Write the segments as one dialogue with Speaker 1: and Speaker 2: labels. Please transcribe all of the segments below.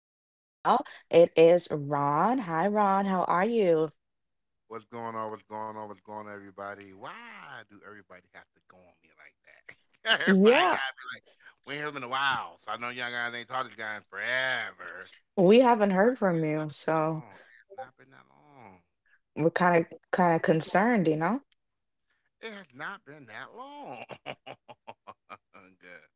Speaker 1: while. It is Ron. Hi, Ron. How are you?
Speaker 2: What's going on? What's going on? What's going on, everybody? Why do everybody have to go on me like that? Everybody
Speaker 1: Yeah,
Speaker 2: got to be like, we ain't heard him in a while, so I know y'all guys ain't talked to this guy in forever.
Speaker 1: we haven't
Speaker 2: It
Speaker 1: heard from
Speaker 2: has
Speaker 1: you,
Speaker 2: not been that
Speaker 1: so
Speaker 2: long. It has not been that long.
Speaker 1: we're kind of concerned, you know?
Speaker 2: It has not been that long. Good.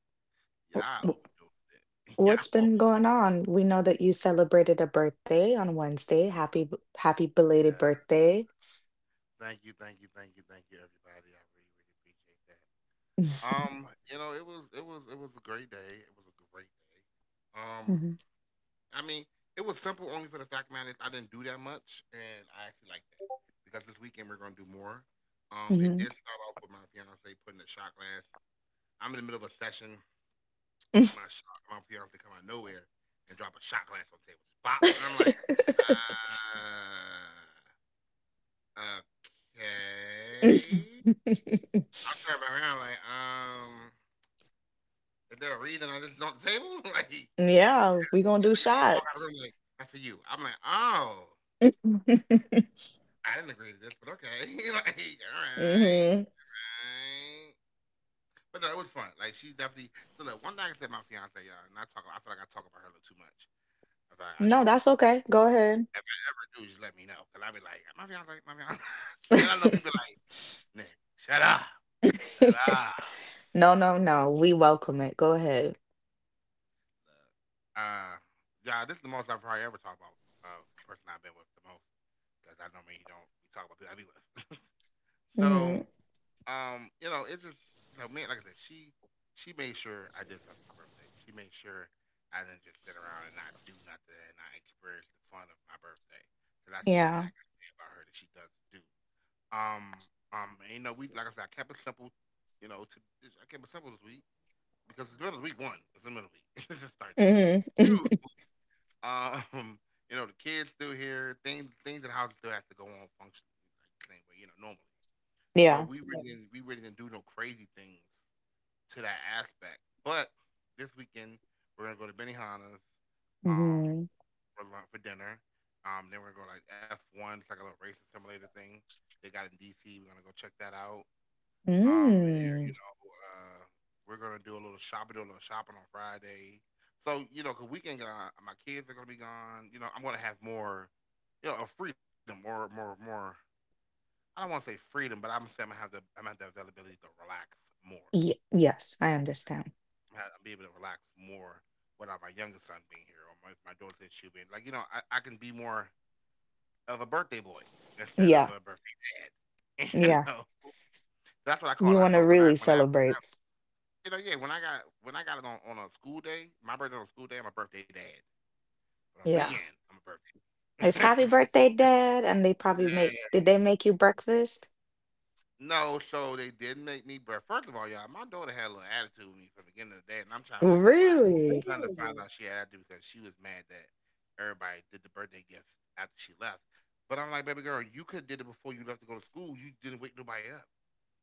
Speaker 2: Y'all
Speaker 1: W-
Speaker 2: overdoing it. Y'all
Speaker 1: What's
Speaker 2: over.
Speaker 1: been going on? We know that you celebrated a birthday on Wednesday. Happy belated
Speaker 2: Yeah.
Speaker 1: birthday.
Speaker 2: Thank you, thank you, thank you, thank you, everybody. I really, really appreciate that. It was, it was, it was a great day. It was a great day. Um.
Speaker 1: Mhm,
Speaker 2: I mean, it was simple only for the fact, man, is I didn't do that much, and I actually like that because this weekend we're gonna do more. It
Speaker 1: mhm.
Speaker 2: did start off with my fiance putting a shot glass. I'm in the middle of a session. My shot, my fiance come out of nowhere and drop a shot glass on the table, just pop, and I'm like, uh, okay. I turn back around like, is there a reason I just on the table? Like, she
Speaker 1: yeah, we gonna do
Speaker 2: look at me and walk out of the
Speaker 1: shots.
Speaker 2: room like, that's for you. I'm like, oh. I didn't agree to this, but okay. Like, all right,
Speaker 1: hmm
Speaker 2: all right. But no, it was fun. Like she's definitely, so look, one thing I can say about my fiance, y'all, and I talk, I feel like I talk about her a little too much. If I do.
Speaker 1: No, that's okay. Go
Speaker 2: If
Speaker 1: ahead.
Speaker 2: I ever do, just let me know. Cause I'll be like, my fiance, my fiance, and I know people like, Nick, shut up. Shut up.
Speaker 1: no,
Speaker 2: Look,
Speaker 1: no, no. We welcome it. Go ahead.
Speaker 2: look. Yeah, this is the most I've probably ever talked about person I've been with the most. Cause I normally don't, we talk about people I be with. So
Speaker 1: Hmm
Speaker 2: it's just, you know, man, like I said, she made sure I did stuff for my birthday. She made sure I didn't just sit around and not do nothing and not experience the fun of my birthday. So that's one thing
Speaker 1: Yeah.
Speaker 2: I can say about her that she does do. Um, you know, we, like I said, I kept it simple. You know, to I kept it simple this week because it's middle of week one. It's the middle of week. Let's just start there.
Speaker 1: hmm
Speaker 2: Two, um, you know, the kids still here. Things in the house still has to go on function like the same way. You know, normally. So
Speaker 1: Yeah.
Speaker 2: we really, yes, didn't, we really didn't do no crazy things to that aspect. But this weekend we're gonna go to Benihana's, um
Speaker 1: hmm
Speaker 2: for lunch, for dinner. Then we're gonna go like F one, it's like a little racing simulator thing. They got in DC. We're gonna go check that out. And there, you
Speaker 1: Mm.
Speaker 2: know, uh, we're gonna do a little shopping, do a little shopping on Friday. So you know, 'cause weekend, my kids are gonna be gone. You know, I'm gonna have more, you know, a freedom, more, more, more I don't want to say freedom, but I'm gonna say I'm gonna have the, I'm gonna have the availability to relax more.
Speaker 1: Ye- yes, I understand.
Speaker 2: I'm gonna be able to relax more without my youngest son being here or my daughter, said she'll be like, you know, I can be more of a birthday boy instead of
Speaker 1: Yeah.
Speaker 2: a birthday dad. You
Speaker 1: Yeah.
Speaker 2: know, that's what I call it.
Speaker 1: You
Speaker 2: I
Speaker 1: want
Speaker 2: call
Speaker 1: to
Speaker 2: it when I
Speaker 1: really
Speaker 2: when I
Speaker 1: celebrate.
Speaker 2: you know, yeah, when I got it on a school day, my birthday on a school day, I'm a birthday dad. But on the
Speaker 1: Yeah.
Speaker 2: weekend, I'm a
Speaker 1: It's
Speaker 2: birthday.
Speaker 1: happy birthday, Dad. And they probably make,
Speaker 2: Yeah,
Speaker 1: did they make you breakfast?
Speaker 2: no, so they did make me breakfast. First of all, y'all, my daughter had a little attitude with me from the beginning of the day, and I'm trying to figure out why. Oh,
Speaker 1: Really?
Speaker 2: trying to find, really, out she had attitude because she was mad that everybody did the birthday gift after she left. But I'm like, baby girl, you could have did it before you left to go to school. You didn't wake nobody up.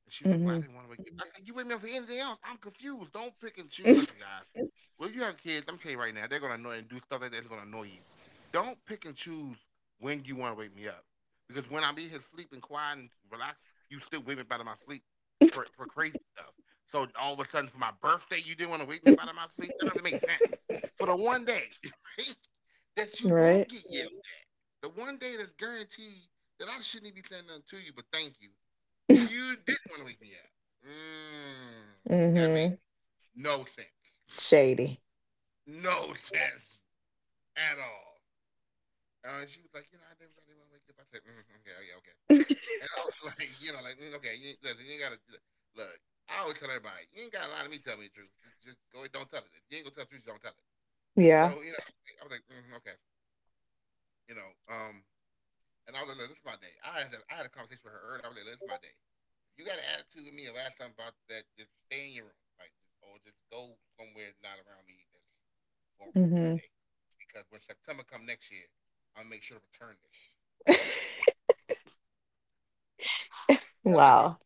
Speaker 2: And she was like, "Well, I
Speaker 1: Hmm
Speaker 2: didn't want to wake you." I said, "You wake me up for anything else? I'm confused. Don't pick and choose. Listen, guys. When you have kids, I'm telling you right now, they're gonna annoy and do stuff like that. That's gonna annoy you. Don't pick and choose when you want to wake me up, because when I'm in here sleeping, quiet and relaxed, you still wake me up out of my sleep for crazy stuff. So all of a sudden, for my birthday, you didn't want to wake me up out of my sleep. That doesn't make sense. For the one day that you won't
Speaker 1: Right.
Speaker 2: get yelled, yeah, at, the one day that's guaranteed that I shouldn't even be saying nothing to you, but thank you. You didn't want to leave me out. Mm, that makes
Speaker 1: Mm-hmm.
Speaker 2: no sense.
Speaker 1: Shady.
Speaker 2: No sense at all. And she was like, you know, I didn't really want to wake you up. I said, okay, okay, okay. And I was like, you know, like, okay, you, listen, you ain't gotta look, I always tell everybody, you ain't gotta lie to me. Tell me the truth. Just go. And don't tell it. If you ain't gonna tell the truth, don't tell it.
Speaker 1: Yeah.
Speaker 2: So you know, I was like, okay, you know, um, and I was like, look, this is my day. I had a conversation with her earlier. I was like, look, this is my day. You got an attitude with me the last time about that, just stay in your room. Like, just, or just go somewhere not around me that's going to ruin my
Speaker 1: Mm-hmm.
Speaker 2: day. Because when September come next year, I'll make sure to return this. Tell me about,
Speaker 1: Wow.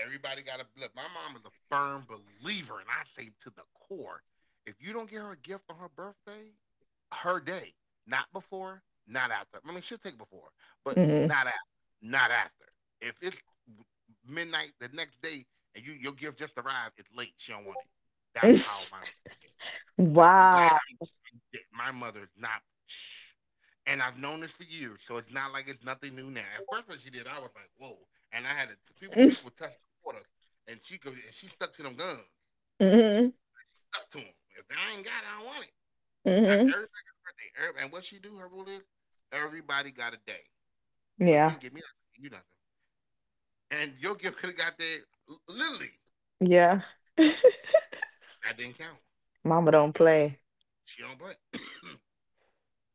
Speaker 2: everybody got a blip. My mom is a firm believer, and I say to the core, if you don't get her a gift on her birthday, her day, not before, not after. I mean, she'll take before, but
Speaker 1: Mm-hmm.
Speaker 2: not after. Not after. If it's midnight the next day and you, your gift just arrived, it's late. She don't want it. That's how my, like
Speaker 1: Wow.
Speaker 2: my mother's not, and I've known this for years, so it's not like it's nothing new now. At first when she did, I was like, whoa, and I had to, people touch the water, and she could, and she stuck to them guns,
Speaker 1: Mm-hmm.
Speaker 2: stuck to them. If I ain't got it, I don't want it. I,
Speaker 1: Mm-hmm.
Speaker 2: everybody got a birthday, every- and what she do, her rule is everybody got a day. So if you
Speaker 1: Yeah.
Speaker 2: didn't give me nothing, you nothing, and your gift could have got there l- literally.
Speaker 1: Yeah.
Speaker 2: That didn't count.
Speaker 1: Mama don't
Speaker 2: Yo,
Speaker 1: play.
Speaker 2: she don't play.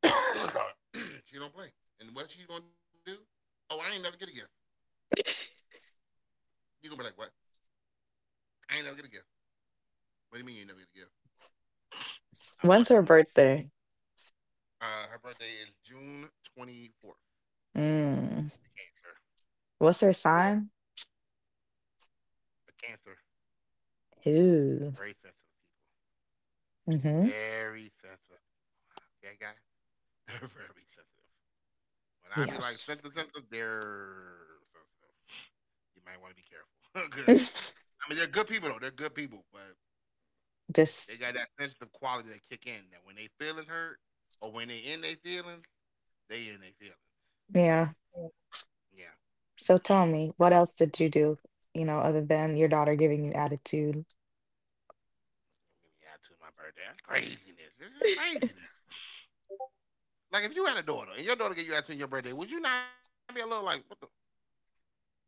Speaker 2: She don't play. And what she gonna do? Oh, I ain't never get a gift. You gonna be like, what? I ain't never get a gift. What do you mean you ain't never get a gift? I
Speaker 1: When's
Speaker 2: bought you
Speaker 1: her
Speaker 2: one.
Speaker 1: birthday?
Speaker 2: Her birthday is June 24th.
Speaker 1: Mm.
Speaker 2: A cancer.
Speaker 1: What's her sign?
Speaker 2: A cancer. Very sensitive
Speaker 1: Ooh.
Speaker 2: people.
Speaker 1: Mm-hmm.
Speaker 2: Very sensitive. Okay, guys? They're very sensitive. When I be like sensitive,
Speaker 1: Yes.
Speaker 2: sensitive, they're sensitive. You might want to be careful. 'Cause, I mean, they're good people, though. They're good people, but they
Speaker 1: Just,
Speaker 2: got that sensitive quality that kick in that when they feelings hurt or when they in their feelings, they in their feelings.
Speaker 1: yeah.
Speaker 2: Yeah. Yeah.
Speaker 1: So tell me, what else did you do, you know, other than your daughter giving you attitude?
Speaker 2: Don't give me attitude on my birthday. That's craziness. This is craziness. Like if you had a daughter and your daughter gave you attitude on your birthday, would you not be a little like, what the?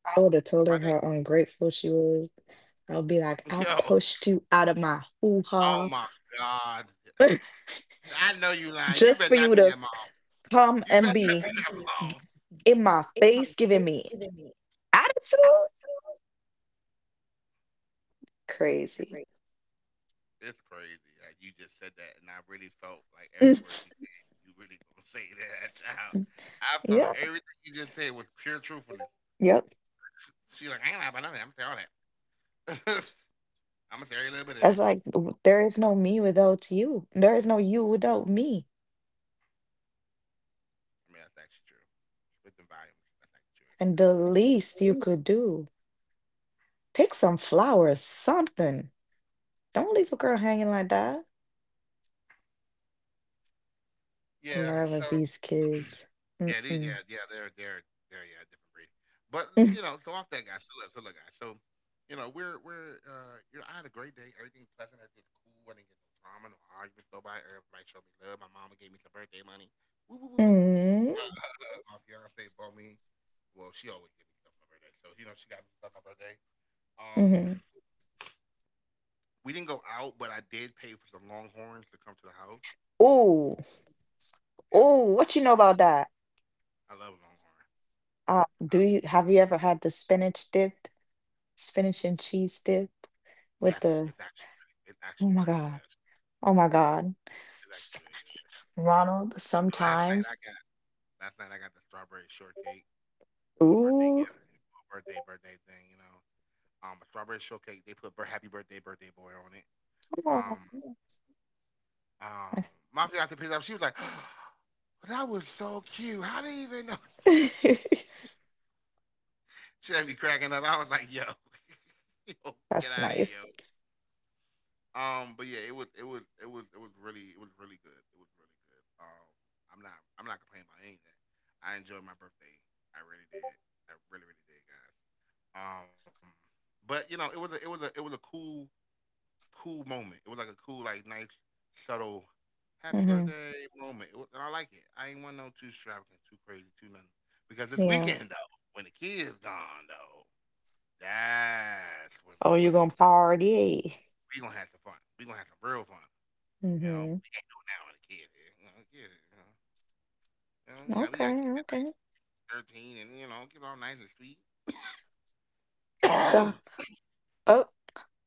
Speaker 2: It's
Speaker 1: I
Speaker 2: my
Speaker 1: would
Speaker 2: day.
Speaker 1: have told her how ungrateful she was. I'll be like,
Speaker 2: Yo.
Speaker 1: I pushed you out of my hoo
Speaker 2: Oh my
Speaker 1: ha
Speaker 2: God. I know you lying. You better not be
Speaker 1: just for
Speaker 2: that mom.
Speaker 1: you to
Speaker 2: You better
Speaker 1: come
Speaker 2: not be
Speaker 1: and
Speaker 2: that, crazy,
Speaker 1: be
Speaker 2: mom. It
Speaker 1: in
Speaker 2: my
Speaker 1: my
Speaker 2: face
Speaker 1: face
Speaker 2: giving
Speaker 1: giving
Speaker 2: me
Speaker 1: me attitude.
Speaker 2: attitude. Crazy.
Speaker 1: Crazy.
Speaker 2: It's crazy. Like you just said that, and I really felt like every word
Speaker 1: Mm.
Speaker 2: you said. You really gonna say that, child? I felt
Speaker 1: Yeah.
Speaker 2: everything you just said was pure truthfulness.
Speaker 1: Yep.
Speaker 2: She like, I ain't lying about nothing. I'm gonna say all that. I'm gonna say every little bit of
Speaker 1: That's
Speaker 2: that.
Speaker 1: like, there is no me without you. There is no you without me.
Speaker 2: I mean, that's actually true. With the volumes, that's actually true.
Speaker 1: And the
Speaker 2: Actually, yeah. I
Speaker 1: least you
Speaker 2: believe.
Speaker 1: could do, pick some flowers, something. Don't leave a girl hanging like that. The
Speaker 2: Yeah.
Speaker 1: nerve
Speaker 2: So
Speaker 1: of these kids.
Speaker 2: yeah, these,
Speaker 1: Mm-mm.
Speaker 2: yeah, yeah, they're yeah, different breed. But you know, so off that guy, so look, guys. So you know, we're you know, I had a great day. Everything pleasant, everything's cool. I didn't get no drama, no arguments, nobody. Everybody showed me love. My mama gave me some birthday money. Woo woo woo woo.
Speaker 1: Mm-mm.
Speaker 2: My, my fiance bought me. Well, she always gave me stuff for my birthday. So you know, she got me stuff for my birthday. Um,
Speaker 1: hmm
Speaker 2: we didn't go out, but I did pay for some Longhorns to come to the house.
Speaker 1: Ooh,
Speaker 2: Yeah,
Speaker 1: ooh, what you know about that?
Speaker 2: I love Longhorn. I
Speaker 1: Do
Speaker 2: love,
Speaker 1: you have you ever had the spinach dip, spinach and cheese dip
Speaker 2: yeah,
Speaker 1: with the,
Speaker 2: it's actually it's
Speaker 1: oh
Speaker 2: actually
Speaker 1: my
Speaker 2: really good.
Speaker 1: God,
Speaker 2: Actually,
Speaker 1: oh my God,
Speaker 2: it's actually
Speaker 1: S-
Speaker 2: really good. Actually,
Speaker 1: Ronald,
Speaker 2: The last night I
Speaker 1: sometimes.
Speaker 2: got last night I got the strawberry shortcake for the birthday
Speaker 1: Ooh,
Speaker 2: gift, a birthday thing. You know, a strawberry shortcake. They put "Happy Birthday, Birthday Boy" on it.
Speaker 1: oh.
Speaker 2: Um, um, my fiance picked it up. She was like, "That was so cute. How do you even know?" She had me cracking up. I was like, "Yo, yo,
Speaker 1: That's
Speaker 2: get out of here,
Speaker 1: nice.
Speaker 2: yo." But yeah, it was it was it was it was really good. It was really good. I'm not complaining about any of that. I enjoyed my birthday. I really did. I really really did, guys. Um, but you know, it was a, it was a it was a cool cool moment. It was like a cool like nice subtle happy
Speaker 1: Hmm
Speaker 2: birthday moment. It was, and I like it. I ain't want no too extravagant, too crazy, too nothing. Because this
Speaker 1: Yeah.
Speaker 2: weekend though, when the kids gone though, that's when
Speaker 1: Oh, you're gonna party.
Speaker 2: we gonna have some fun. We gonna have some real fun. You know,
Speaker 1: Hmm
Speaker 2: we can't do it now with a kid. Eh? You know, yeah, we got to
Speaker 1: Okay,
Speaker 2: keep it nice,
Speaker 1: okay.
Speaker 2: 13, and you know, keep it all nice and sweet.
Speaker 1: So, oh,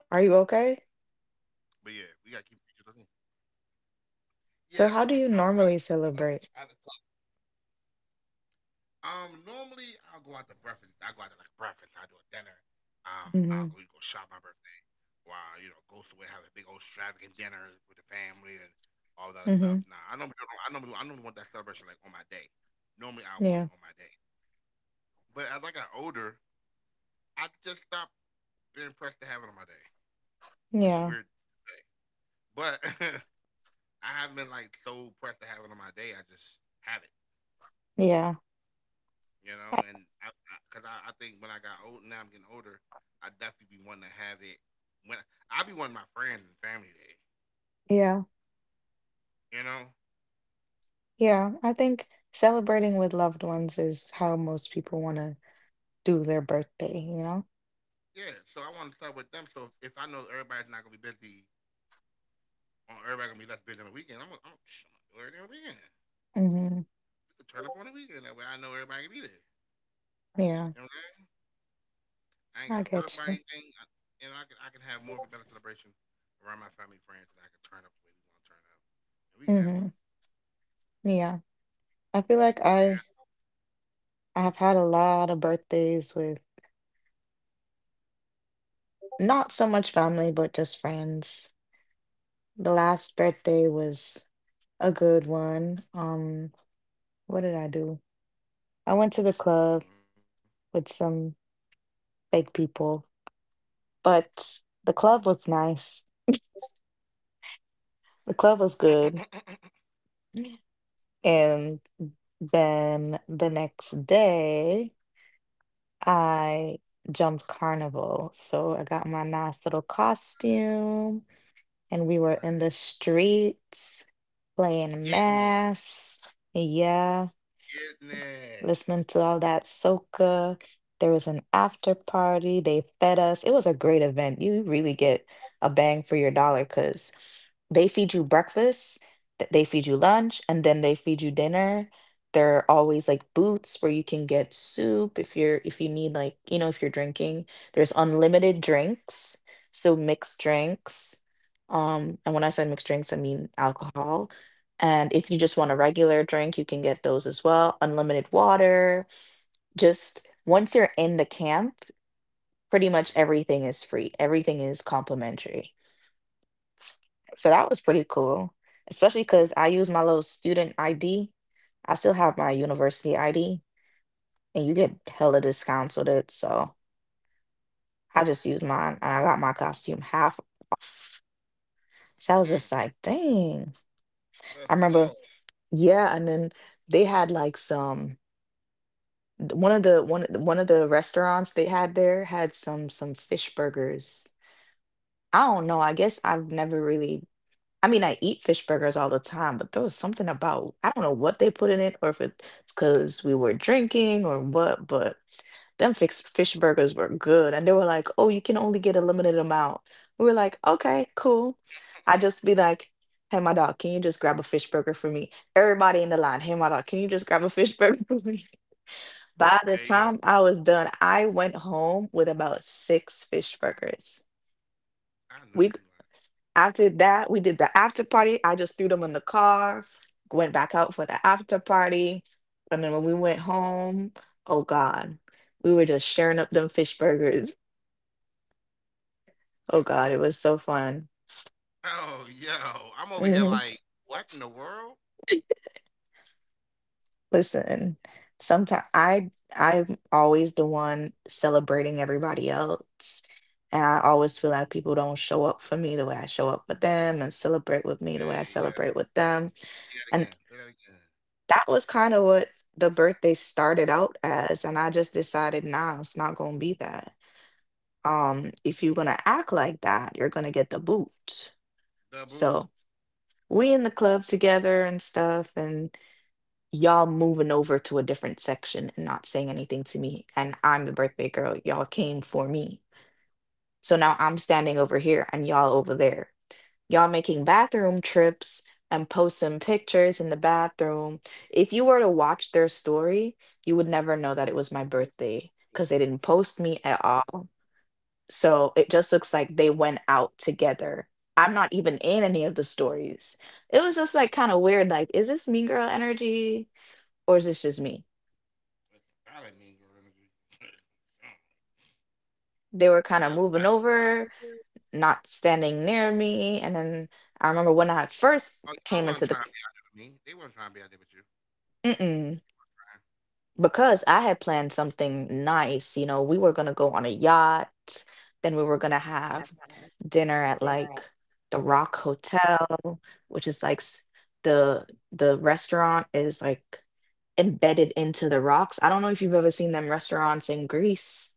Speaker 1: are you
Speaker 2: But
Speaker 1: okay?
Speaker 2: yeah, we got to keep it 13. Yeah, I was trying to,
Speaker 1: So, how do you
Speaker 2: I was trying
Speaker 1: normally
Speaker 2: to talk.
Speaker 1: celebrate?
Speaker 2: Normally I'll go out to breakfast. I go out to like breakfast. I do a dinner. I'll go shop
Speaker 1: Hmm
Speaker 2: my birthday, or I'll, you know, go somewhere have a big old extravagant dinner with the family and all that stuff. Nah,
Speaker 1: hmm
Speaker 2: I normally don't- I normally want that celebration like on my day. Normally I want it
Speaker 1: Yeah,
Speaker 2: on my day. But as I got older, I just stopped being pressed to have it on my day, which is
Speaker 1: yeah,
Speaker 2: weird to say. But I haven't been like so pressed to have it on my day. I just have it,
Speaker 1: yeah.
Speaker 2: you know. And cause I think when I got old, now I'm getting older, I definitely be wanting to have it. When I be wanting my friends and family day,
Speaker 1: Yeah,
Speaker 2: you know.
Speaker 1: yeah. I think celebrating with loved ones is how most people want to do their birthday, you know?
Speaker 2: Yeah, so I want to start with them. So if I know everybody's not gonna be busy, on everybody gonna be less busy on the weekend, I'm gonna do everything on the weekend.
Speaker 1: Hmm
Speaker 2: We could turn up on the weekend that way. I know everybody can be there.
Speaker 1: Yeah,
Speaker 2: You know what I'm I ain't
Speaker 1: I
Speaker 2: got to worry
Speaker 1: get
Speaker 2: about
Speaker 1: you.
Speaker 2: anything, and I can have more of a better celebration around my family and friends that I can turn up the way we want to turn up, and we can have
Speaker 1: Hmm
Speaker 2: fun,
Speaker 1: Yeah. I feel
Speaker 2: and we
Speaker 1: like
Speaker 2: can
Speaker 1: I
Speaker 2: have.
Speaker 1: I have had a lot of birthdays with not so much family, but just friends. The last
Speaker 2: Mm-hmm.
Speaker 1: birthday was a good one. What did I do? I went to the club with some fake people, but the club was nice. The club was good.
Speaker 2: Mm-hmm.
Speaker 1: and then the next day, I jumped carnival. So I got my nice little costume, and
Speaker 2: You
Speaker 1: we were
Speaker 2: lying.
Speaker 1: in the streets playing
Speaker 2: Getting it,
Speaker 1: mass. Yeah,
Speaker 2: getting it.
Speaker 1: listening to all that soca. There was an after party. They fed us. It was a great event. You really get a bang for your dollar because they feed you breakfast, they feed you lunch, and then they feed you dinner. There are always like booths where you can get soup if you're if you need like, you know, if you're drinking. There's unlimited drinks, so mixed drinks. And when I say mixed drinks, I mean alcohol. And if you just want a regular drink, you can get those as well. Unlimited water. Just once you're in the camp, pretty much
Speaker 2: Mm-hmm.
Speaker 1: everything is free. Everything is complimentary. So that was pretty cool, especially because
Speaker 2: mm
Speaker 1: I use my little student ID. I still have my university ID, and you get hella discounts with it. So I just used mine, and I got my costume half. So I was just
Speaker 2: mm.
Speaker 1: like, dang. I
Speaker 2: Let's
Speaker 1: remember,
Speaker 2: go.
Speaker 1: yeah. And then they had like some. One of the restaurants they had there had some fish burgers. I don't know. I guess I've never really. I mean, I eat fish burgers all the time, but there was something about I don't know what they put in it, or if it's because we were drinking or what. But fish burgers were good, and they were like, "Oh, you can only get a limited amount." We were like, "Okay, cool." I just be like, "Hey, my dog, can you just grab a fish burger for me?" Everybody in the line, "Hey, my dog, can you just grab a fish burger for me?" By the
Speaker 2: Hey yo,
Speaker 1: time I was done, I went home with about 6 fish burgers.
Speaker 2: I know
Speaker 1: We
Speaker 2: you lying.
Speaker 1: after that, we did the after party. I just threw them in the car, went back out for the after party. And then when we went home, oh God, we were just sharing up them fish burgers.
Speaker 2: Yo,
Speaker 1: Oh God, it was so fun.
Speaker 2: oh yo, I'm over here
Speaker 1: Mhm.
Speaker 2: like what in the world?
Speaker 1: Listen, sometimes I'm always the one celebrating everybody else. And I always feel like people don't show up for me the way I show up with them and celebrate with me the way
Speaker 2: Hey
Speaker 1: I
Speaker 2: yeah,
Speaker 1: celebrate with them.
Speaker 2: say that
Speaker 1: And
Speaker 2: again. Say that again.
Speaker 1: that was kind of what the birthday started out as. And I just decided, nah, it's not gonna be that. If you're gonna act like that, you're gonna get the boot.
Speaker 2: The boo.
Speaker 1: So we in the club together and stuff, and y'all moving over to a different section and not saying anything to me. And I'm the birthday girl. Y'all came for me. So now I'm standing over here and y'all over there. Y'all making bathroom trips and posting pictures in the bathroom. If you were to watch their story, you would never know that it was my birthday because they didn't post me at all. So it just looks like they went out together. I'm not even in any of the stories. It was just like kind of weird. Like, is this mean girl energy or is this just me?
Speaker 2: It's solid mean girl energy.
Speaker 1: They were kind of
Speaker 2: Uh, I, I,
Speaker 1: moving over, not standing near me. And then I remember when I first
Speaker 2: Oh, y'all
Speaker 1: came into
Speaker 2: wasn't
Speaker 1: the
Speaker 2: trying to be out there with me. They wasn't trying to be out there with you,
Speaker 1: mm-mm,
Speaker 2: Brian.
Speaker 1: because I had planned something nice. You know, we were gonna go on a yacht, then we were gonna
Speaker 2: Gonna
Speaker 1: have
Speaker 2: have
Speaker 1: dinner at
Speaker 2: dinner
Speaker 1: like
Speaker 2: at.
Speaker 1: the Rock Hotel, which is like the restaurant is like embedded into the rocks. I don't know if you've ever seen them restaurants in Greece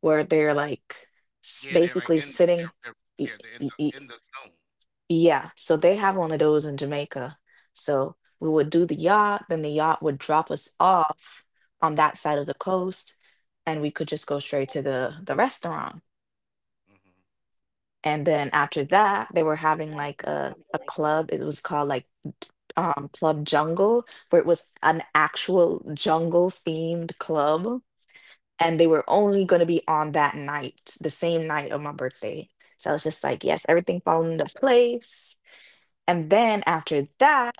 Speaker 1: where they're like
Speaker 2: Yeah, they're like
Speaker 1: basically
Speaker 2: in the
Speaker 1: sitting. Y-
Speaker 2: yeah, they're
Speaker 1: y- y-
Speaker 2: in the zone.
Speaker 1: Yeah, so they have one of those in Jamaica. So we would do the yacht, then the yacht would drop us off on that side of the coast, and we could just go straight to the restaurant.
Speaker 2: Mm-hmm.
Speaker 1: And then after that, they were having
Speaker 2: That, and
Speaker 1: like
Speaker 2: we're
Speaker 1: a
Speaker 2: having
Speaker 1: a
Speaker 2: like a
Speaker 1: club. It was called like Club Jungle, where it was an actual jungle themed club, and they were only going to be on that night, the same night of my birthday. So I was just like, yes, everything falling into place. And then after that,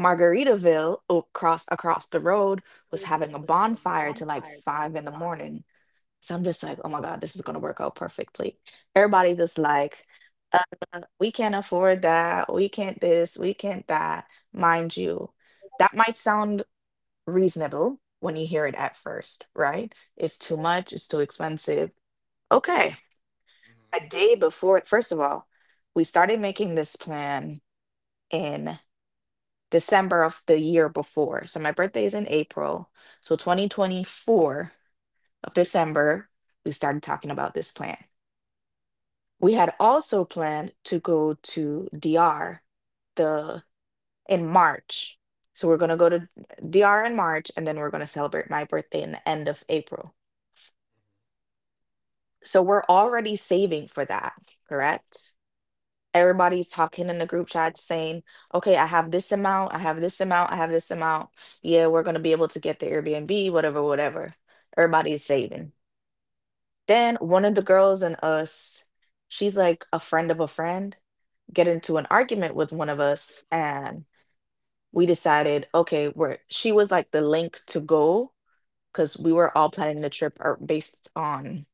Speaker 1: Margaritaville across the road was
Speaker 2: food
Speaker 1: having a
Speaker 2: was having a
Speaker 1: bonfire till like
Speaker 2: bonfire to like
Speaker 1: five in the
Speaker 2: five.
Speaker 1: morning. So I'm just like, oh my God, this is gonna work out perfectly. Everybody was like, uh, we can't afford that, we can't this, we can't that. Mind you, that might sound reasonable when you hear it at first, right? It's too much, it's too expensive. Okay,
Speaker 2: Mm-hmm.
Speaker 1: a day before, first of all, we started making this plan in December of the year before. So my birthday is in April. So 2024 of December, we started talking about this plan. We had also planned to go to DR the in March. So we're going to go to DR in March and then we're going to celebrate my birthday in the end of April. So we're already saving for that, correct? Everybody's talking in the group chat saying, okay, I have this amount, I have this amount, I have this amount. Yeah, we're going to be able to get the Airbnb, whatever, whatever. Everybody is saving. Then one of the girls and us, she's like a friend of a friend, get into an argument with one of us. And we decided, okay, we're, she was like the link to go because we were all planning the trip or based on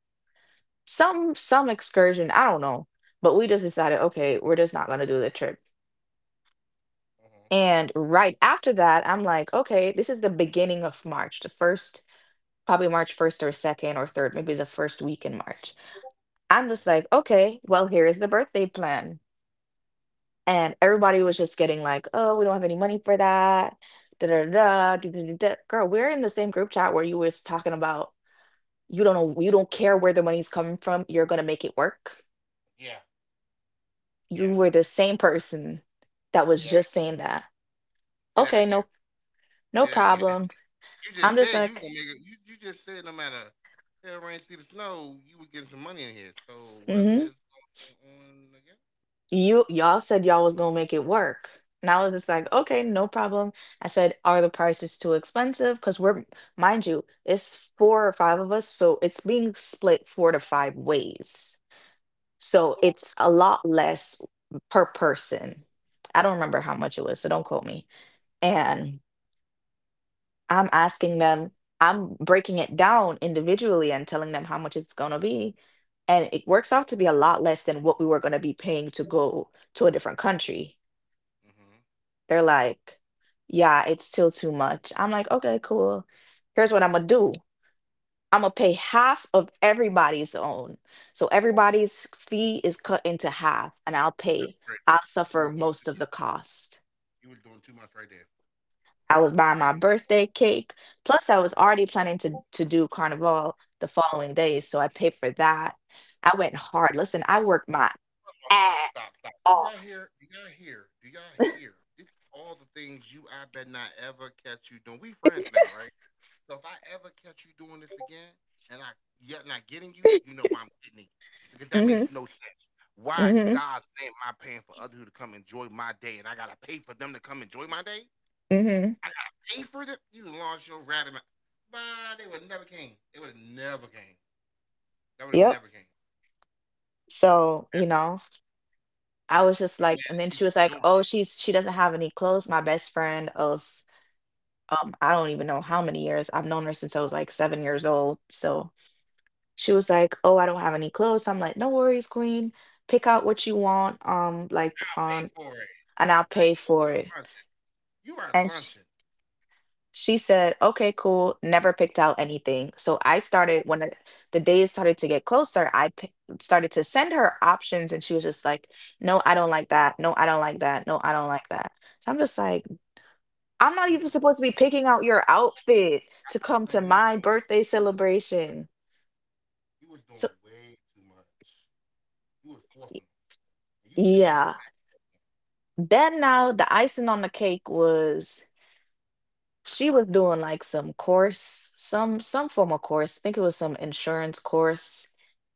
Speaker 1: some excursion, I don't know, but we just decided okay we're just not going to do the trip.
Speaker 2: Mm-hmm.
Speaker 1: And right after that, I'm like, okay, this is the beginning of March, the first, probably March 1st or 2nd or 3rd, maybe the first week in March. I'm
Speaker 2: Mm-hmm.
Speaker 1: just like, okay, well, here is the birthday plan. And everybody was just getting like, oh, we don't have any money for that. Da da da da da da. Girl, we're in the same group chat where you was talking about you don't know, you don't care where the money's coming from. You're gonna make it work.
Speaker 2: Yeah,
Speaker 1: You
Speaker 2: yeah,
Speaker 1: were the same person that was
Speaker 2: yeah.
Speaker 1: just saying that.
Speaker 2: Say that
Speaker 1: Okay,
Speaker 2: again.
Speaker 1: no, no
Speaker 2: Say that again.
Speaker 1: problem.
Speaker 2: You just
Speaker 1: I'm just
Speaker 2: said you was gonna
Speaker 1: like,
Speaker 2: make it. You just said no matter if rain, see the snow, you would get some money in here. So what
Speaker 1: mm-hmm.
Speaker 2: is going on again?
Speaker 1: you y'all said y'all was gonna make it work. And I was just like, okay, no problem. I said, are the prices too expensive? Because we're, mind you, it's 4 or 5 of us, so it's being split 4 to 5 ways. So it's a lot less per person. I don't remember how much it was, so don't quote me. And I'm asking them, I'm breaking it down individually and telling them how much it's gonna be. And it works out to be a lot less than what we were gonna be paying to go to a different country.
Speaker 2: Mm-hmm.
Speaker 1: They're like, yeah, it's still too much. I'm like, okay, cool. Here's what I'm gonna do. I'm gonna pay half of everybody's own. So everybody's fee is cut into half, and I'll pay,
Speaker 2: That's great.
Speaker 1: I'll
Speaker 2: You
Speaker 1: suffer
Speaker 2: was doing
Speaker 1: most
Speaker 2: too
Speaker 1: of the
Speaker 2: much.
Speaker 1: cost.
Speaker 2: You was doing too much right there.
Speaker 1: I was buying
Speaker 2: Right.
Speaker 1: my birthday cake, plus I was already planning to do carnival the following day, so I paid for that. I went hard. Listen, I worked my
Speaker 2: Oh, stop,
Speaker 1: ass
Speaker 2: stop, stop. Do
Speaker 1: off.
Speaker 2: y'all hear? Do y'all hear? Do y'all hear? This is all the things you I bet not ever catch you doing. We friends now, right? So if I ever catch you doing this again and I yet not getting you, you know why I'm getting it. Because that
Speaker 1: Mm-hmm.
Speaker 2: makes no sense. Why in
Speaker 1: Mm-hmm.
Speaker 2: God's name am I paying for other who to come enjoy my day and I gotta pay for them to come enjoy my day?
Speaker 1: Mm-hmm.
Speaker 2: I gotta pay for them. You lost your rabbit. Bye, they would never came. They would have never came. That would have
Speaker 1: Yep.
Speaker 2: never came.
Speaker 1: So,
Speaker 2: And
Speaker 1: I was just
Speaker 2: I'm
Speaker 1: like,
Speaker 2: mad
Speaker 1: and then
Speaker 2: at you
Speaker 1: she
Speaker 2: for
Speaker 1: was like,
Speaker 2: doing
Speaker 1: "Oh,
Speaker 2: it.
Speaker 1: she doesn't have any clothes." My best friend of, I don't even know how many years. I've known her since I was like 7 years old. So, she was like, "Oh, I don't have any clothes." So I'm like, "No worries, queen. Pick out what you want, like,
Speaker 2: I'll pay
Speaker 1: on,
Speaker 2: for it.
Speaker 1: and I'll pay
Speaker 2: Like yo, you
Speaker 1: for
Speaker 2: are
Speaker 1: it."
Speaker 2: lunching. You are
Speaker 1: And
Speaker 2: lunching.
Speaker 1: She said, "Okay, cool." Never picked out anything. So I started when the days started to get closer, I p started to send her options and she was just like, "No, I don't like that. No, I don't like that. No, I don't like that." So I'm just like, "I'm not
Speaker 2: You
Speaker 1: even
Speaker 2: were
Speaker 1: supposed to be
Speaker 2: doing.
Speaker 1: picking out your outfit to
Speaker 2: I'm
Speaker 1: come to
Speaker 2: saying you were
Speaker 1: my
Speaker 2: doing.
Speaker 1: birthday
Speaker 2: Way,
Speaker 1: celebration."
Speaker 2: you was
Speaker 1: So
Speaker 2: doing way too much. You was
Speaker 1: y-
Speaker 2: forcing them, and you should not have.
Speaker 1: yeah. Then
Speaker 2: You
Speaker 1: now
Speaker 2: should,
Speaker 1: the icing on the cake was she was doing like some course, some form of course. I think it was some insurance course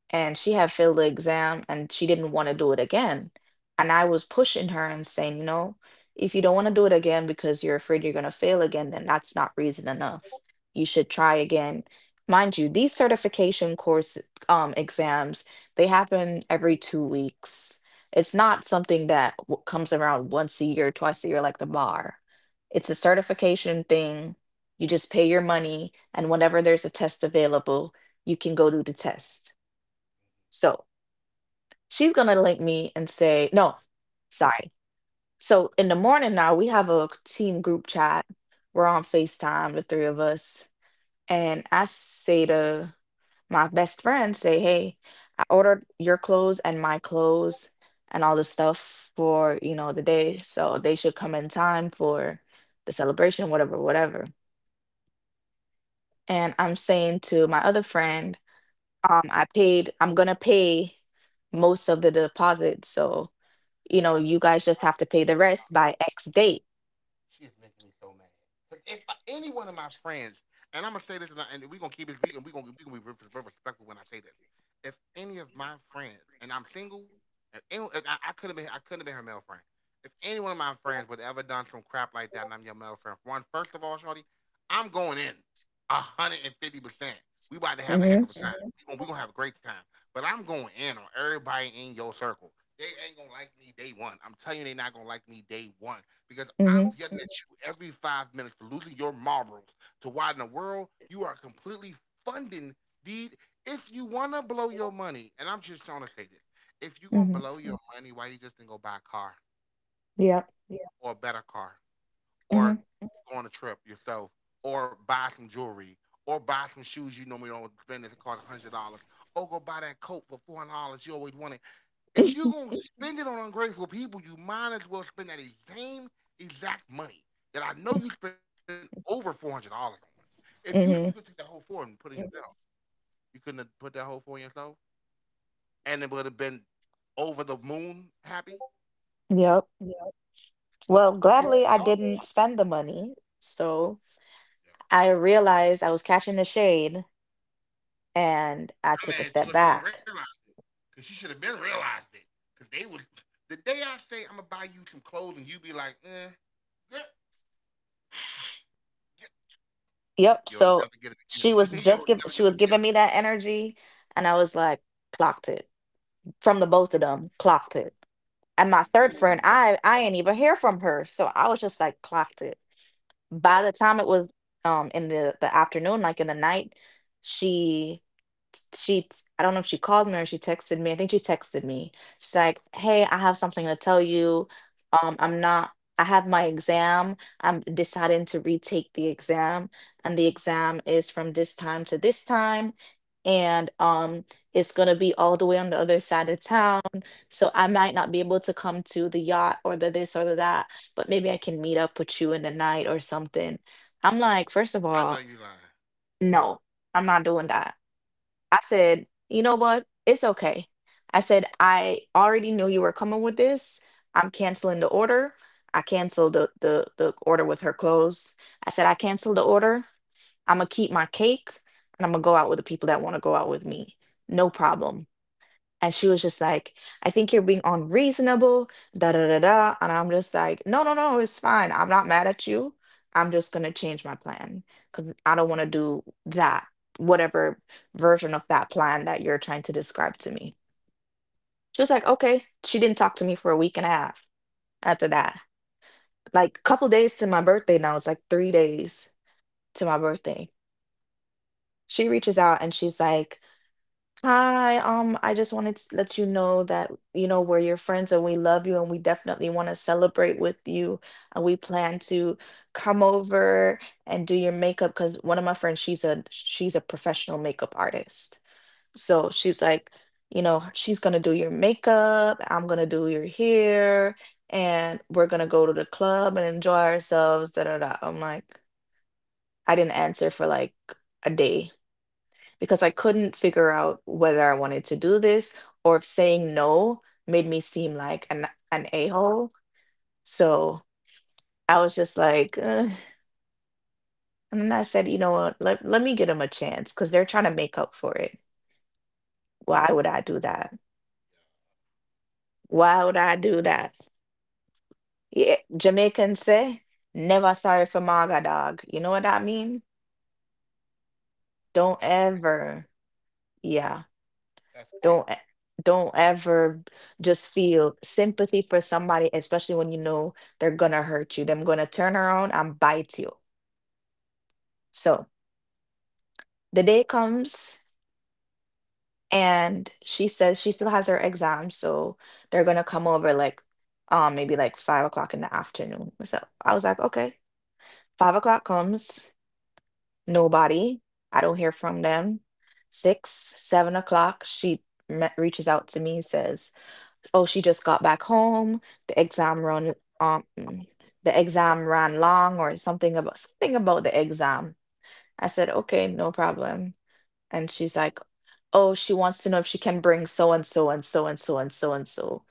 Speaker 1: and she had failed the exam and she didn't want to do it again. And I was pushing her and saying, you know, if you don't want to do it again because you're afraid you're going to fail again, then that's not reason enough. You should try again. Mind you, these certification course exams, they happen every 2 weeks. It's not something that comes around once a year, twice a year, like the bar. It's a certification thing. You just pay your money, and whenever there's a test available, you can go do the test. So she's gonna link me and say, no, sorry. So in the morning now, we have a team group chat. We're on FaceTime, the three of us. And I say to my best friend, say, hey, I ordered your clothes and my clothes and all this stuff for, you know, the day. So they should come in time for the celebration, whatever, whatever. And I'm saying to my other friend, I paid, I'm gonna pay most of the deposit. So you know,
Speaker 2: y'all
Speaker 1: you
Speaker 2: should
Speaker 1: guys
Speaker 2: have.
Speaker 1: just have to pay the rest by X date.
Speaker 2: She is making me so mad. Cause if any one of my friends, and I'm gonna say this, and we're gonna keep it, we, and we're gonna we are going to be very respectful when I say this. If any of my friends, and I'm single, I could have been, I couldn't have been her male friend. If any one of my friends would have ever done some crap like that, and I'm your male friend, one, first of all, Shorty, I'm going in, 150%. We about to have a heck
Speaker 1: Mm-hmm.
Speaker 2: of a time. Mhm. We gonna have a great time. But I'm going in on everybody in your circle. They ain't gonna like me day one. I'm telling you, they not gonna like me day one because I'm
Speaker 1: Mm-hmm.
Speaker 2: yelling at you every 5 minutes for losing your marbles to why in the world you are completely funding deed. If you want to blow your money, and I'm just trying to say this, if you're going to
Speaker 1: Mm-hmm.
Speaker 2: blow your money, why you just didn't go buy a car.
Speaker 1: Yep.
Speaker 2: Yeah. Or a better car or
Speaker 1: Mm-hmm.
Speaker 2: Go on a trip yourself or buy some jewelry or buy some shoes you normally don't spend that cost $100 or go buy that coat for $400 you always wanted. If you're gonna spend it on ungrateful people, you might as well spend that same exact money that I know you spent over $400 on. If you could take that whole
Speaker 1: Mm-hmm.
Speaker 2: four and put it Mhm. yourself, you couldn't have put that whole four in yourself, and it would have been over the moon happy. Yeah.
Speaker 1: Yep.
Speaker 2: Well,
Speaker 1: Well,
Speaker 2: yo,
Speaker 1: gladly
Speaker 2: normally,
Speaker 1: I didn't spend the money. So
Speaker 2: yo, yo.
Speaker 1: I realized I was catching the shade and I
Speaker 2: I'm
Speaker 1: took a
Speaker 2: mad
Speaker 1: step
Speaker 2: she was gonna
Speaker 1: back.
Speaker 2: realize it, cause she should have been realized it, cause they was the day I say I'm gonna buy you some clothes and you be like, eh, yeah, yeah,
Speaker 1: Yep.
Speaker 2: you'll
Speaker 1: So
Speaker 2: never get it again. You'll
Speaker 1: she
Speaker 2: never
Speaker 1: was
Speaker 2: get it
Speaker 1: giving me
Speaker 2: again.
Speaker 1: that energy and I was like, clocked it. From the both of them, clocked it. And my third friend,
Speaker 2: You,
Speaker 1: I ain't even hear from her. So I was just like clocked it. By the time it was in the afternoon, like in the night, she she I don't know if she called me or she texted me. I think she texted me. She's like, "Hey, I have something to tell you. I'm not. I have my exam. I'm deciding to retake the exam, and the exam is from this time to this time, and it's gonna be all the way on the other side of town. So I might not be able to come to the yacht or the this or the that, but maybe I can meet up with you in the night or something." I'm like,
Speaker 2: I know
Speaker 1: first of
Speaker 2: you lying.
Speaker 1: all, no, I'm not doing that. I said, you know what? It's okay. I said, I already knew you were coming with this. I'm canceling the order. I canceled the order with her clothes. I said, I canceled the order. I'm going to keep my cake and I'm going to go out with the people that want to go out with me. No problem. And she was just like, I think you're being unreasonable, da da da da. And I'm just like, no, no, no, it's fine. I'm not mad at you. I'm just gonna change my plan because I don't want to do that, whatever version of that plan that you're trying to describe to me. She was like, okay. She didn't talk to me for a week and a half after that. Like couple days to my birthday now. It's like 3 days to my birthday. She reaches out and she's like, "Hi, I just wanted to let you know that, you know, we're your friends and we love you and we definitely want to celebrate with you. And we plan to come over and do your makeup because one of my friends, she's a professional makeup artist." So she's like, "You know, she's gonna do your makeup, I'm gonna do your hair, and we're gonna go to the club and enjoy ourselves," da da da. I'm like, I didn't answer for like a day because I couldn't figure out whether I wanted to do this or if saying no made me seem like an a-hole. So I was just like, "Ugh." And then I said, you know what, let me give them a chance because they're trying to make up for it. Why would I do that? Why would I do that? Yeah, Jamaicans say, never sorry for Maga dog. You know what I mean? Don't
Speaker 2: That's
Speaker 1: ever. Yeah.
Speaker 2: that's crazy.
Speaker 1: Don't e- don't ever just feel sympathy for somebody, especially when you know they're gonna hurt you. They're gonna turn around and bite you. So the day comes and she says she still has her exam, so they're gonna come over like maybe like 5 o'clock in the afternoon. So I was like, okay, 5 o'clock comes, nobody. I don't hear from them. Six, 7 o'clock, reaches out to me, says, oh, she just got back home. The um mm, exam ran long or something, about something about the exam. I said, okay, no problem. And she's like, oh, she wants to know if she can bring so and so and so and so and so and so,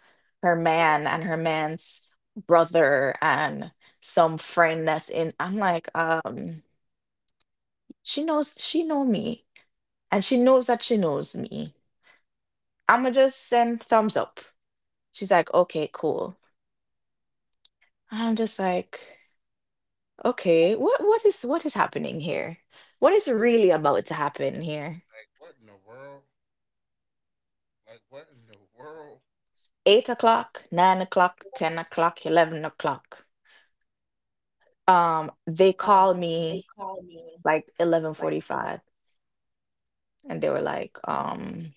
Speaker 1: her man and her man's brother and some friend that's in. I'm like, she knows she know me and she knows that she knows me. I'ma just send thumbs up. She's like, okay, cool. And I'm just like, okay, what is happening here? What is really about to happen here?
Speaker 2: Like what in the world? Like what in the world?
Speaker 1: 8 o'clock, 9 o'clock, 10 o'clock, 11 o'clock. They
Speaker 2: Um,
Speaker 1: called
Speaker 2: they
Speaker 1: me
Speaker 2: call me
Speaker 1: like eleven
Speaker 2: like
Speaker 1: forty-five, and they were like,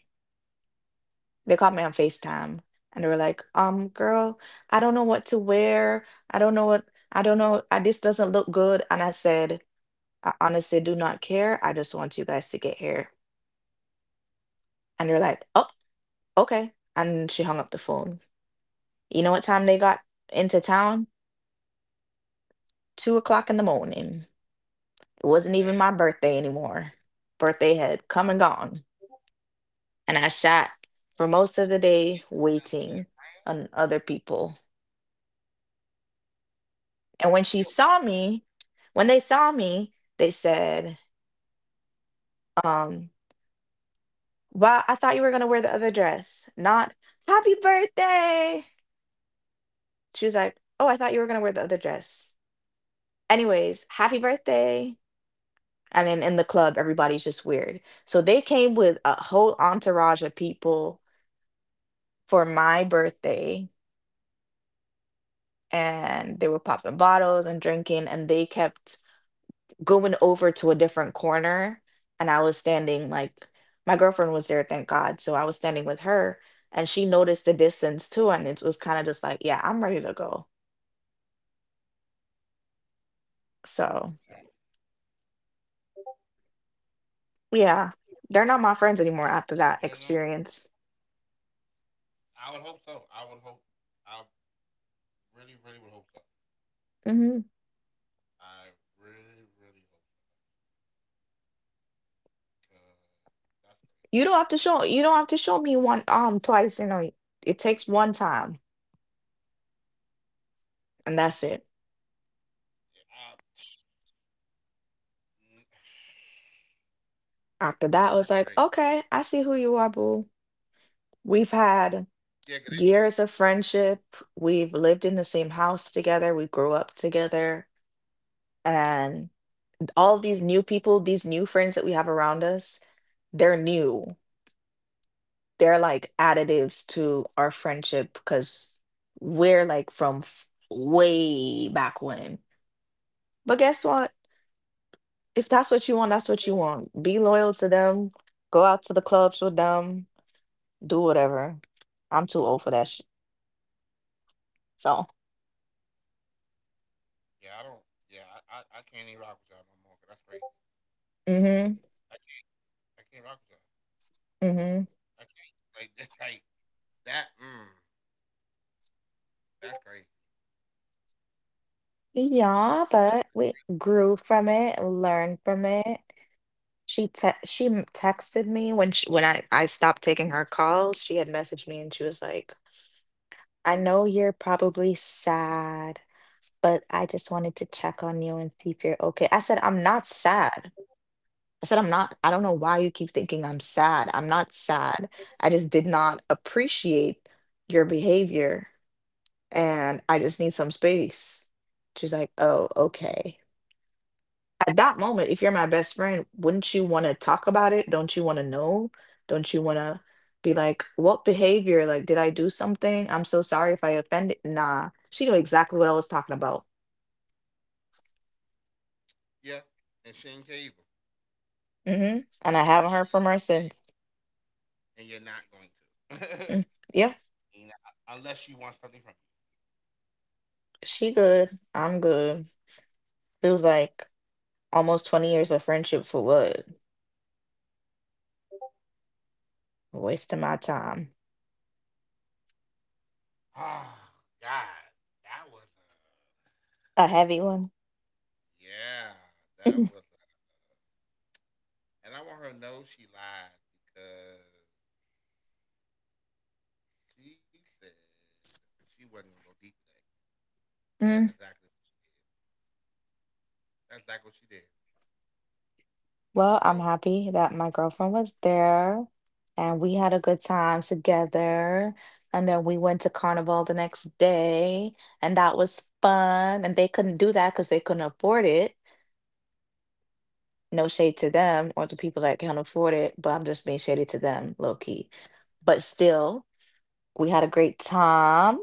Speaker 1: they called me on FaceTime, and they were like, girl, I don't know what to wear. I don't know what I don't know. I, this doesn't look good. And I said, I honestly do not care. I just want you guys to get here. And they're like, oh, okay. And she hung up the phone. You know what time they got into town? 2 o'clock in the morning. It wasn't
Speaker 2: Hey,
Speaker 1: even my
Speaker 2: I would
Speaker 1: birthday anymore. Birthday had come and gone. And I sat for most of the day
Speaker 2: need to tell some of
Speaker 1: waiting
Speaker 2: your friends.
Speaker 1: on other people. And when she
Speaker 2: You don't
Speaker 1: saw
Speaker 2: talk to
Speaker 1: me, when they saw me, they said, um, well, I thought you were going to wear the other dress, not happy birthday. She was like, oh, I thought you were going to wear the other dress. Anyways, happy birthday. And then in the club, everybody's just weird. So they came with a whole entourage of people for my birthday, and they were popping bottles and drinking, and they kept going over to a different corner, and I was standing like, my girlfriend was there, thank god, so I was standing with her, and she noticed the distance too, and it was kind of just like, yeah, I'm ready to go. So
Speaker 2: them.
Speaker 1: yeah, they're not my friends anymore
Speaker 2: You
Speaker 1: after
Speaker 2: know,
Speaker 1: that experience.
Speaker 2: I would hope so. I would hope. I really, really would hope so.
Speaker 1: Hmm.
Speaker 2: I really, really hope so. Cause that's
Speaker 1: You
Speaker 2: crazy.
Speaker 1: don't have to show me one twice, you know. It takes one time and that's it.
Speaker 2: Yeah, mm,
Speaker 1: After
Speaker 2: that's
Speaker 1: that, I
Speaker 2: crazy.
Speaker 1: was like, okay, I see who you are, boo. We've had
Speaker 2: Yeah, cause they shows.
Speaker 1: years of friendship. We've lived in the same house together. We grew up together. And all these new people, these new friends that we have around us, they're new. They're like additives to our friendship because we're like from way back when. But guess what? If that's what you want, that's what you want. Be loyal to them. Go out to the clubs with them. Do whatever. I'm too old for that shit. So,
Speaker 2: Yeah, I don't. Yeah, I can't even rock with y'all no more. 'Cause that's crazy.
Speaker 1: mhm,
Speaker 2: I can't. I can't rock with y'all.
Speaker 1: mhm.
Speaker 2: I can't. Like that. Like that. Mm, that's crazy.
Speaker 1: Yeah, but we grew from it, learned from it. She te she m- texted me when when I stopped taking her calls. She had messaged me and she was like, "I know you're probably sad, but I just wanted to check on you and see if you're okay." I said, "I'm not sad. I said, I'm not, I don't know why you keep thinking I'm sad. I'm not sad. I just did not appreciate your behavior and I just need some space." She's like, oh, okay. At that moment, if you're my best friend, wouldn't you want to talk about it? Don't you want to know? Don't you want to be like, what behavior? Like, did I do something? I'm so sorry if I offended. Nah, she knew exactly what I was talking about.
Speaker 2: Yeah. And she ain't cable.
Speaker 1: And I
Speaker 2: And
Speaker 1: haven't heard
Speaker 2: she.
Speaker 1: from her since.
Speaker 2: And you're not going to.
Speaker 1: Mm. Yep,
Speaker 2: You know, unless she wants something from you.
Speaker 1: she good. I'm good. Feels like almost 20 years of friendship for what? A waste of my time.
Speaker 2: Oh God, that was. A,
Speaker 1: A heavy one.
Speaker 2: yeah, that was. And I want her to know she lied because she said she wasn't gonna go deep today, and that's
Speaker 1: Mm.
Speaker 2: exactly what she did. That's exactly what she did.
Speaker 1: Well, I'm happy that my girlfriend was there and we had a good time together. And then we went to Carnival the next day, and that was fun. And they couldn't do that because they couldn't afford it. No shade to them or the people that can't afford it, but I'm just being shady to them, low key. But still, we had a great time.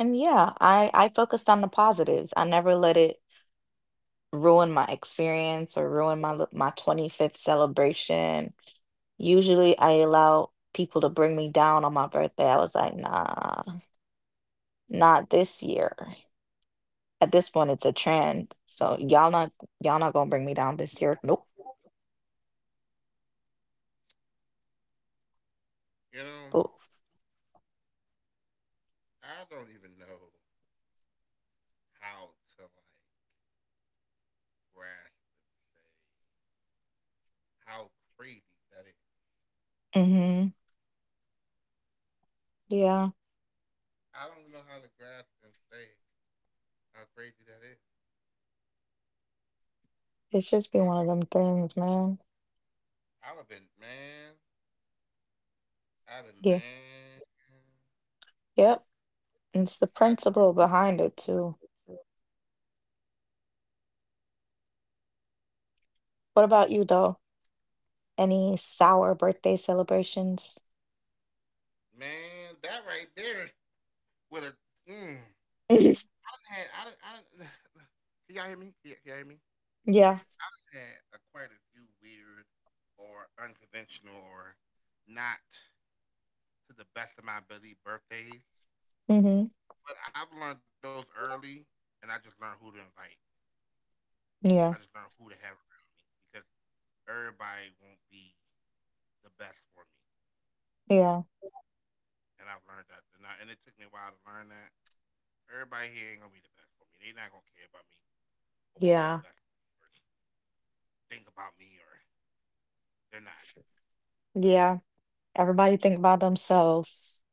Speaker 1: And yeah, I focused on the positives. I never let it ruin my experience or ruin my my 25th celebration. Usually I allow people to bring me down on my birthday. I was like, nah, not this year. At this point it's a trend. So y'all not gonna bring me down this year. Nope.
Speaker 2: So you know, I don't even know how to like grasp and say how crazy that is.
Speaker 1: Mm-hmm. Yeah.
Speaker 2: I don't even know how to grasp and say how crazy that is.
Speaker 1: It's just been one of them things, man.
Speaker 2: I've been man. I've been
Speaker 1: Yeah.
Speaker 2: man.
Speaker 1: Yep. And it's the
Speaker 2: I
Speaker 1: principle behind
Speaker 2: principle
Speaker 1: it
Speaker 2: behind
Speaker 1: too.
Speaker 2: it too.
Speaker 1: What about you though? Any sour birthday celebrations?
Speaker 2: Man, that right there with a mm, I done had can y'all hear me? Can y'all hear me? I
Speaker 1: Yeah.
Speaker 2: done had a, quite a few weird or unconventional or not to the best of my ability birthdays.
Speaker 1: Mm-hmm.
Speaker 2: But I've learned those early, and I just learned who to invite. I just
Speaker 1: Yeah.
Speaker 2: learned who to have around me because everybody won't be the best for me,
Speaker 1: Yeah.
Speaker 2: and I've learned that. And it took me a while to learn that everybody here ain't gonna be the best for me. They're not gonna care about me or want what's
Speaker 1: Yeah,
Speaker 2: best for me or think about me or they're not.
Speaker 1: yeah. Everybody think about themselves.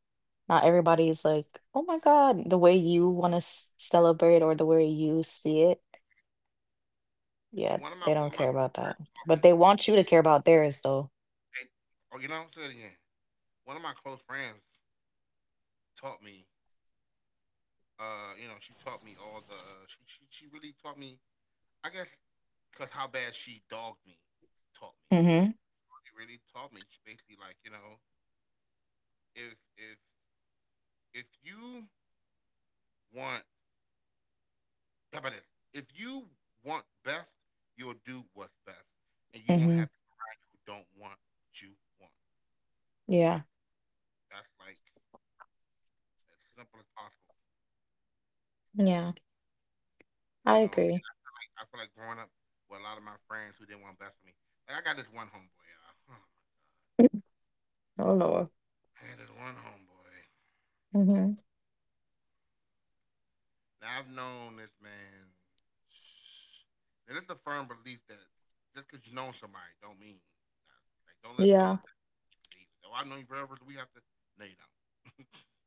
Speaker 1: Not everybody is like, oh my God, the way you want to celebrate or the way you see it.
Speaker 2: And
Speaker 1: Yeah,
Speaker 2: one of my
Speaker 1: they
Speaker 2: one of
Speaker 1: don't
Speaker 2: my
Speaker 1: care
Speaker 2: close
Speaker 1: about
Speaker 2: friends
Speaker 1: that.
Speaker 2: taught me.
Speaker 1: But they want you to care about theirs, though.
Speaker 2: Hey, I'm saying again. One of my close friends taught me. She taught me all the. She really taught me, I guess, because how bad she dogged me taught me.
Speaker 1: Mm-hmm.
Speaker 2: It really taught me. She basically, like, you know, if if you want, how about this? If you want best, you'll do what's best, and you won't
Speaker 1: Mm-hmm.
Speaker 2: have people around you who don't want what you want.
Speaker 1: Yeah.
Speaker 2: That's like as simple as possible,
Speaker 1: Yeah.
Speaker 2: you
Speaker 1: I
Speaker 2: know.
Speaker 1: agree.
Speaker 2: And like I feel like growing up with a lot of my friends who didn't want best for me. Like I got this one homeboy, y'all.
Speaker 1: Oh Lord.
Speaker 2: I had this one homeboy.
Speaker 1: Mm-hmm.
Speaker 2: Now I've known this man, and it's a firm belief that just because you know somebody don't mean that. Like don't let don't
Speaker 1: Yeah.
Speaker 2: let that keep you either. Oh, I know you forever. Do we have to? No, you don't.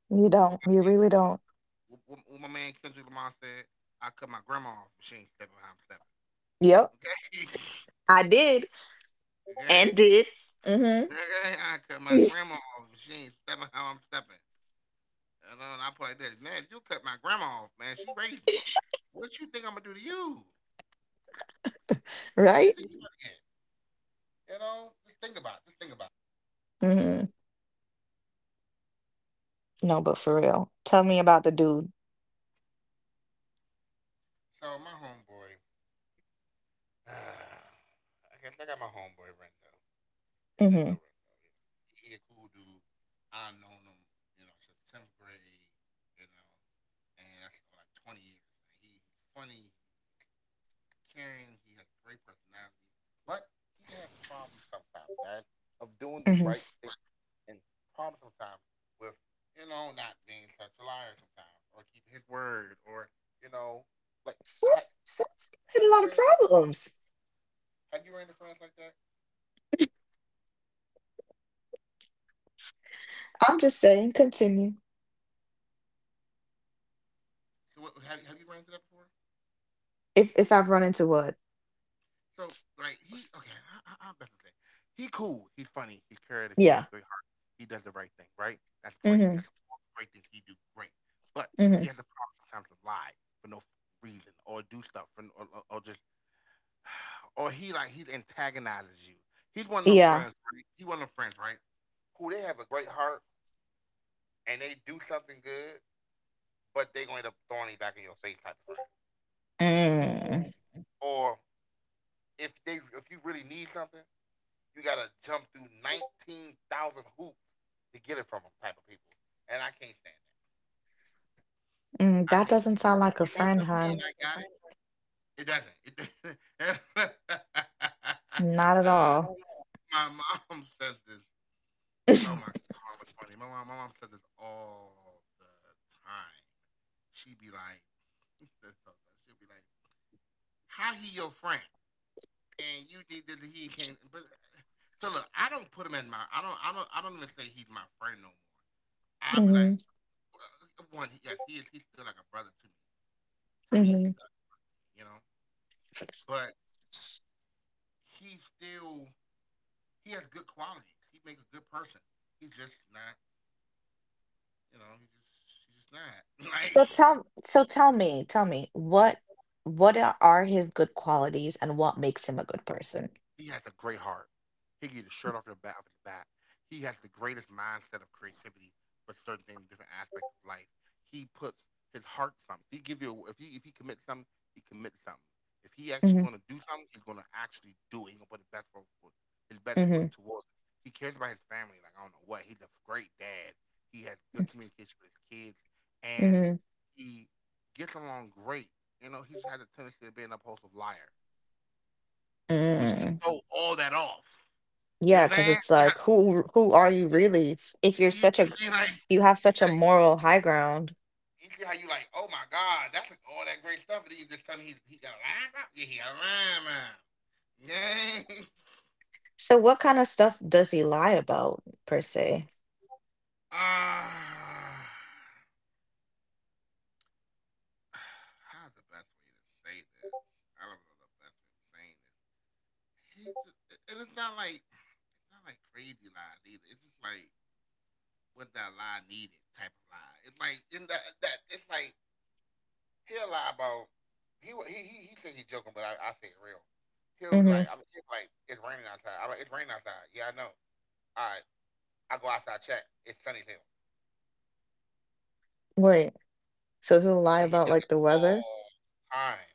Speaker 1: You
Speaker 2: what,
Speaker 1: don't.
Speaker 2: my,
Speaker 1: You really don't.
Speaker 2: what my man Kendrick Lamar said, I cut my grandma off if she ain't stepping how I'm stepping.
Speaker 1: Yep.
Speaker 2: Okay,
Speaker 1: I did and
Speaker 2: okay,
Speaker 1: did. Mm-hmm.
Speaker 2: okay. I cut my grandma off if she ain't stepping how I'm stepping. And I put it like this, man. If you cut my grandma off, man, she raised me. What you think I'm gonna do to you? What you
Speaker 1: Right?
Speaker 2: think you gonna get? You know, just think about it. Just think about it.
Speaker 1: Mm-hmm. No, but for real. Tell me about the dude.
Speaker 2: So my homeboy, uh, I guess I got my homeboy Renzo. His name
Speaker 1: Mm-hmm.
Speaker 2: Lorenzo. You know, he a cool dude. I have known him, you know, since 10th grade. You know, and that's like 20 years. Man. He's funny. He's caring. He has great personality, but he has problems sometimes, guys, of doing the
Speaker 1: Mm-hmm.
Speaker 2: right thing, and problems sometimes with, you know, not being such a liar sometimes or keeping his word or, you know, like,
Speaker 1: Sounds like
Speaker 2: Have
Speaker 1: a
Speaker 2: you
Speaker 1: lot of
Speaker 2: ran into
Speaker 1: problems.
Speaker 2: Have you ran into friends like that?
Speaker 1: I'm just saying, continue.
Speaker 2: Have you ran into that before?
Speaker 1: If I've run into what?
Speaker 2: So like he, okay, I'm better than that. He cool, he's funny, he's creative, he has
Speaker 1: Yeah.
Speaker 2: a great heart, he does the right thing, right? That's great.
Speaker 1: Mm-hmm.
Speaker 2: That's all the great things he do, great. But
Speaker 1: Mm-hmm.
Speaker 2: he has the power sometimes to lie for no reason or do stuff for, or just or he like he antagonizes you. He's one of them
Speaker 1: Yeah.
Speaker 2: friends. Right? He one of them friends, right? Who they have a great heart and they do something good, but they going to end up throwing it back in your face type of stuff.
Speaker 1: Mm.
Speaker 2: Mm. Or if you really need something, you gotta jump through 19,000 hoops to get it from them type of people, and I can't stand that. I
Speaker 1: Mm,
Speaker 2: can't
Speaker 1: that
Speaker 2: stand
Speaker 1: doesn't
Speaker 2: that.
Speaker 1: sound
Speaker 2: You
Speaker 1: like
Speaker 2: need
Speaker 1: a
Speaker 2: something
Speaker 1: friend,
Speaker 2: and like I
Speaker 1: hon.
Speaker 2: got it. It doesn't. It doesn't.
Speaker 1: Not at all.
Speaker 2: My mom says this. Oh my god, my mom was funny. My mom says this all the time. She be like, she'll be like, "How he your friend?" And you did that he came but, so look, I don't put him in my, I don't even say he's my friend no more. I'll be like,
Speaker 1: Hmm.
Speaker 2: well, one, yes he is, he's still like a brother to me. To me he's
Speaker 1: Hmm.
Speaker 2: still, you know, but he's still, he has good qualities, he makes a good person, he's just not, you know, he's just not, like,
Speaker 1: So tell me, what are his good qualities and what makes him a good person?
Speaker 2: he has a great heart. He can get the shirt off the back of his back. He has the greatest mindset of creativity for certain things, different aspects of life. He puts his heart to something. If he give you, if he commits something, he commits something. If he actually
Speaker 1: Mm-hmm.
Speaker 2: going to do something, he's going to actually do it. He's going to put his best foot for- his best foot
Speaker 1: Mm-hmm.
Speaker 2: towards it. He cares about his family. Like I don't know what. He's a great dad. He has good communication with his kids, and
Speaker 1: Mm-hmm.
Speaker 2: he gets along great. You know, he's had a tendency of being an impulsive liar, which can
Speaker 1: Mm-hmm.
Speaker 2: throw all that off. You know
Speaker 1: Yeah,
Speaker 2: what I'm
Speaker 1: because
Speaker 2: saying?
Speaker 1: it's
Speaker 2: Yeah,
Speaker 1: like who are you really if you're such
Speaker 2: you
Speaker 1: a
Speaker 2: see, like
Speaker 1: you have
Speaker 2: you
Speaker 1: such a
Speaker 2: say,
Speaker 1: moral high ground.
Speaker 2: you see how you like, oh my God, that's like all that great stuff. And then you just tell me he got a line up. Yeah, he got a line up. Yeah.
Speaker 1: So what kind of stuff does he lie about per se?
Speaker 2: Ah, uh, how's the best way to say this? I don't know the best way of saying this. He just, and it's not like crazy lies either. It's just like, was that lie needed type of lie. It's like in that it's like, he'll lie, bro. He think he joking, but I say it real.
Speaker 1: Hmm.
Speaker 2: He'll be like, it's raining outside. I'm like, it's raining outside. Yeah, I know. All right, I go outside, check. It's sunny as hell.
Speaker 1: Wait. So he'll lie
Speaker 2: But he
Speaker 1: about
Speaker 2: does
Speaker 1: like
Speaker 2: it
Speaker 1: the weather?
Speaker 2: all the time.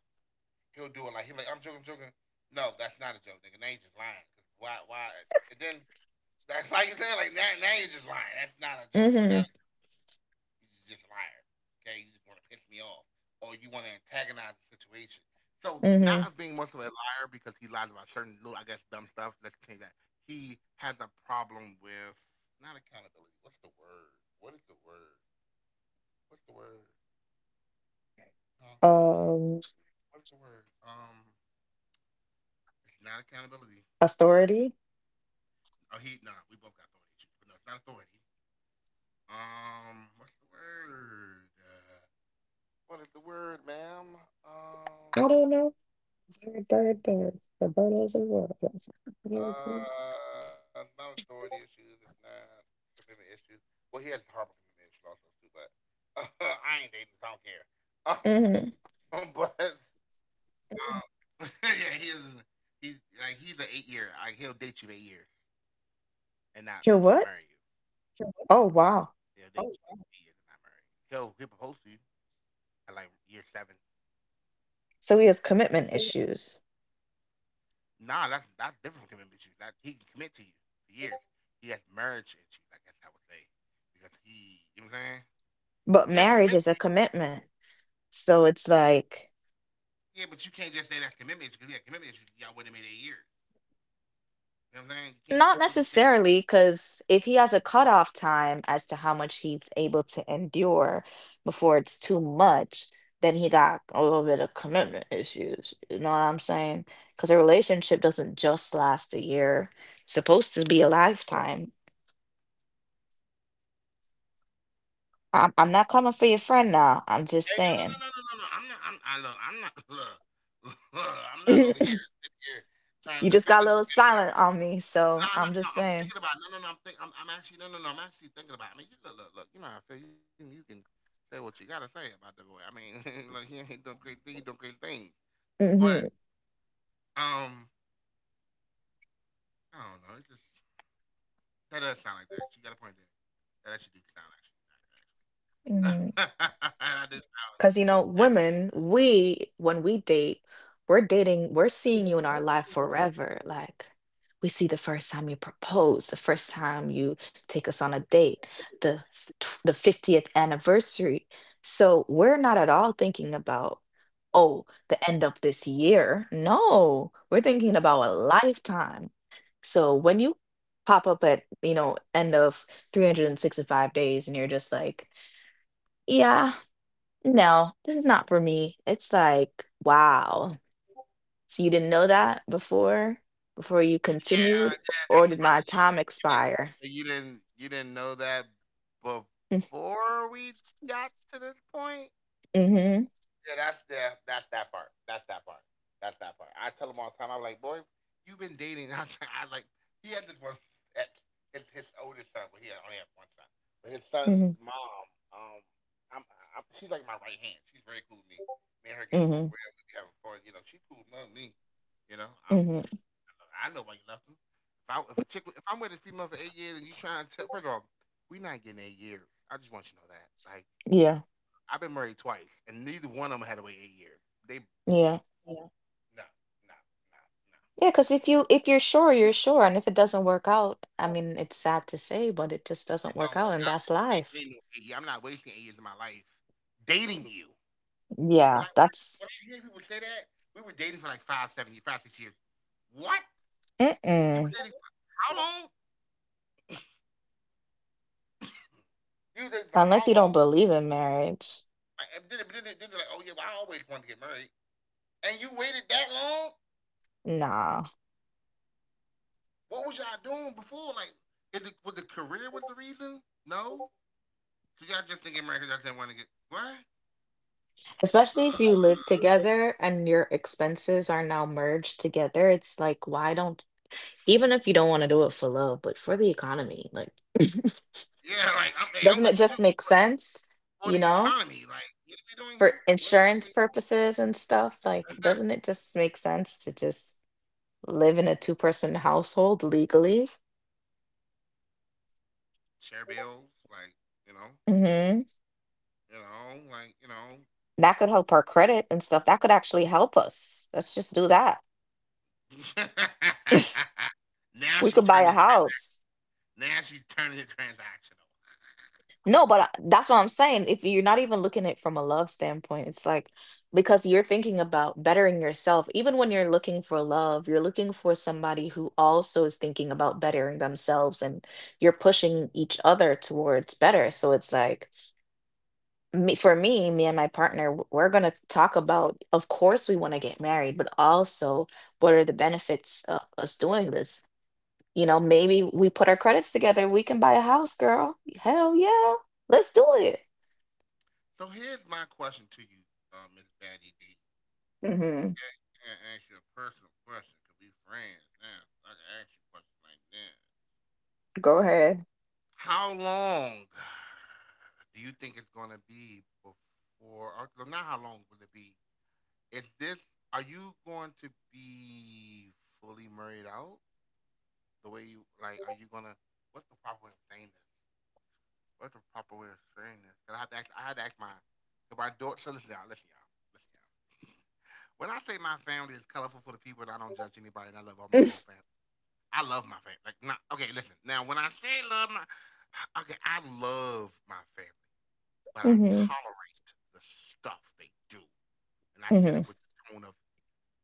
Speaker 2: He'll do it like he'll be like, I'm joking, I'm joking. No, that's not a joke, nigga. Now you just lying. 'Cause why? And then that's like you saying like, now you're just lying. That's not a joke. It's not.
Speaker 1: Mm-hmm.
Speaker 2: You just a liar. Okay, you just want to piss me off, or you want to antagonize the situation. So, not of being
Speaker 1: Mm-hmm.
Speaker 2: much of a liar, because he lies about certain little, I guess, dumb stuff. Let's change that. He has a problem with, not accountability. What's the word? What is the word? What's the word? Huh?
Speaker 1: Um,
Speaker 2: What is the word? It's not accountability.
Speaker 1: authority?
Speaker 2: Oh, he, no, we both got authority issues, but no, it's not authority. What's the word? What is the word, ma'am? Um,
Speaker 1: I don't know. Bird, bird, bird. The bird is a word.
Speaker 2: It's not authority issues. It's not commitment issues. Well, he has horrible commitment issues also too, but I ain't dating, so I don't care. But
Speaker 1: Mm-hmm.
Speaker 2: yeah, he is. He's like, he's an 8 year. Like he'll date you for 8 years and not marry you.
Speaker 1: He'll what?
Speaker 2: True. He'll date
Speaker 1: Oh
Speaker 2: Oh, you for
Speaker 1: wow.
Speaker 2: wow. 8 years and not marry you. He'll propose to you at like year 7.
Speaker 1: So he
Speaker 2: so
Speaker 1: has
Speaker 2: you-
Speaker 1: commitment issues.
Speaker 2: Nah, that's different from commitment issues. That he can commit to you for years. He has marriage issues, I guess I would say, because he, you know what I'm saying?
Speaker 1: But
Speaker 2: He'll
Speaker 1: marriage
Speaker 2: commit.
Speaker 1: is a commitment. So it's like
Speaker 2: Yeah, but you can't just say that's commitment because, yeah, commitment issues y'all wouldn't have made 8 years. You know what I'm saying? You can't
Speaker 1: not
Speaker 2: fully say. Commitment.
Speaker 1: necessarily, because if he has a cutoff time as to how much he's able to endure before it's too much, then he got a little bit of commitment issues. You know what I'm saying? Because a relationship doesn't just last a year, it's supposed to be a lifetime. I'm not coming for your friend now. I'm just
Speaker 2: Hey, no, no,
Speaker 1: saying.
Speaker 2: no, no, no, no, no. I'm not. I'm. I look. I'm not. Look, I'm not over here sitting here trying
Speaker 1: You
Speaker 2: to
Speaker 1: just
Speaker 2: defend
Speaker 1: got a
Speaker 2: this.
Speaker 1: little silent on me, so
Speaker 2: No, no,
Speaker 1: I'm
Speaker 2: no.
Speaker 1: just
Speaker 2: I'm
Speaker 1: saying.
Speaker 2: thinking about. No, no, no. I'm think. I'm actually. No, no, no. I'm actually thinking about. I mean, you look. You know how I feel. You can say what you gotta say about the boy. I mean, look, he ain't doing great things. He doing great things. But
Speaker 1: Hmm.
Speaker 2: um, I don't know. It just, that does sound like that. You got a point there. That actually do sound actually. Accurate,
Speaker 1: Hmm.
Speaker 2: that does sound
Speaker 1: Because, you know,
Speaker 2: actually accurate.
Speaker 1: women, when we date, we're dating, we're
Speaker 2: You
Speaker 1: seeing
Speaker 2: didn't
Speaker 1: you in
Speaker 2: like
Speaker 1: our
Speaker 2: when you
Speaker 1: life
Speaker 2: and I got
Speaker 1: forever.
Speaker 2: to
Speaker 1: Like, we see the first time you propose, the first time you take us on a
Speaker 2: take us on
Speaker 1: date,
Speaker 2: a date.
Speaker 1: the 50th anniversary. So we're not at all thinking about, oh, the end of this year. No, we're thinking about a lifetime. So when you pop up at, you know, end of 365 days and you're just like, yeah. No, this is not for me. It's like, wow. So you didn't know that before you
Speaker 2: Yeah,
Speaker 1: continued,
Speaker 2: yeah,
Speaker 1: or
Speaker 2: that's the
Speaker 1: did
Speaker 2: part. That-
Speaker 1: my
Speaker 2: No,
Speaker 1: time
Speaker 2: you didn't,
Speaker 1: expire?
Speaker 2: you didn't know that before we got to this point.
Speaker 1: Mm-hmm.
Speaker 2: Yeah, that's that part. That's that part. I tell him all the time. I'm like, boy, you've been dating. I like, he had this one ex, his oldest son. Well, only had one son, but his son's
Speaker 1: Mm-hmm.
Speaker 2: mom. Um, I'm, I'm, she's like my right hand. She's very cool with me. Me and her get along
Speaker 1: Mm-hmm.
Speaker 2: well. We be having fun. You know, she cool with me. You know, I'm.
Speaker 1: Mm-hmm.
Speaker 2: I know why you left him. If a chick, if I'm with a female for 8 years and you trying to tell, first of all, we not getting 8 years. I just want you to know that. Like,
Speaker 1: Yeah.
Speaker 2: I've been married twice, and neither one of them had to wait 8 years. They. Yeah.
Speaker 1: Yeah.
Speaker 2: no, no, no,
Speaker 1: Yeah, because if
Speaker 2: no,
Speaker 1: you if you're sure, you're sure. And if it doesn't work out, I
Speaker 2: no.
Speaker 1: mean, it's sad to say, but it just doesn't
Speaker 2: It
Speaker 1: work
Speaker 2: don't
Speaker 1: out,
Speaker 2: work
Speaker 1: and
Speaker 2: out.
Speaker 1: that's
Speaker 2: We ain't
Speaker 1: life.
Speaker 2: waiting no 8 years. I'm not wasting 8 years of my life dating you. But
Speaker 1: Yeah,
Speaker 2: like
Speaker 1: that's
Speaker 2: when I hear people say that, we were dating for like 5, 7 years, 5, 6 years. What? You were
Speaker 1: mm-mm.
Speaker 2: dating for how long? You were dating for how
Speaker 1: Unless you don't
Speaker 2: long?
Speaker 1: believe in marriage.
Speaker 2: Like, and then, but then, then they're like, oh yeah, well, I always wanted to get married, and you waited that long?
Speaker 1: Nah.
Speaker 2: What was y'all doing before? Like, was the career was the reason? No, cause y'all just thinking right because y'all didn't want to get what?
Speaker 1: Especially if you live together and your expenses are now merged together, it's like, why don't, even if you don't want to do it for love, but for the economy, like,
Speaker 2: Yeah, like hey, I'm
Speaker 1: doesn't it
Speaker 2: with you too.
Speaker 1: just make sense,
Speaker 2: For the
Speaker 1: you know,
Speaker 2: economy, like what are we doing here?
Speaker 1: for
Speaker 2: What exactly?
Speaker 1: insurance purposes and stuff? Like, doesn't it just make sense to just live in a two-person household legally?
Speaker 2: Chair bills, like you know,
Speaker 1: Hmm.
Speaker 2: you know.
Speaker 1: That could help our credit and stuff. That could actually help us. Let's just do that.
Speaker 2: Now
Speaker 1: We
Speaker 2: she's
Speaker 1: could buy a
Speaker 2: turning.
Speaker 1: house.
Speaker 2: Now she's turning it transactional.
Speaker 1: No, but that's what I'm saying. If you're not even looking at it from a love standpoint, it's like because you're thinking about bettering yourself. Even when you're looking for love, you're looking for somebody who also is thinking about bettering themselves and you're pushing each other towards better. So it's like me and my partner, we're going to talk about, of course, we want to get married, but also what are the benefits of us doing this? You know, maybe we put our credits together, we can buy a house, girl. Hell yeah. Let's do it.
Speaker 2: So here's my question to you, Miss Batty D.
Speaker 1: Mhm.
Speaker 2: Can I can ask you a personal question. Cause we friends now. So I can ask you questions like that.
Speaker 1: Go ahead.
Speaker 2: How long do you think it's going to be before, or no, not how long will it be? Is this, are you going to be fully married out the way you, like, are you going to, what's the proper way of saying this? What's the proper way of saying this? Cause I had to ask my, because my daughter, so listen y'all, listen y'all, listen y'all. When I say my family is colorful for the people, and I don't judge anybody, and I love all my whole family. I love my family. Like, not, okay, listen. Now, when I say love my, okay, I love my family. But I
Speaker 1: Mhm.
Speaker 2: tolerate the stuff they do. And I said
Speaker 1: Mhm.
Speaker 2: it with the tone of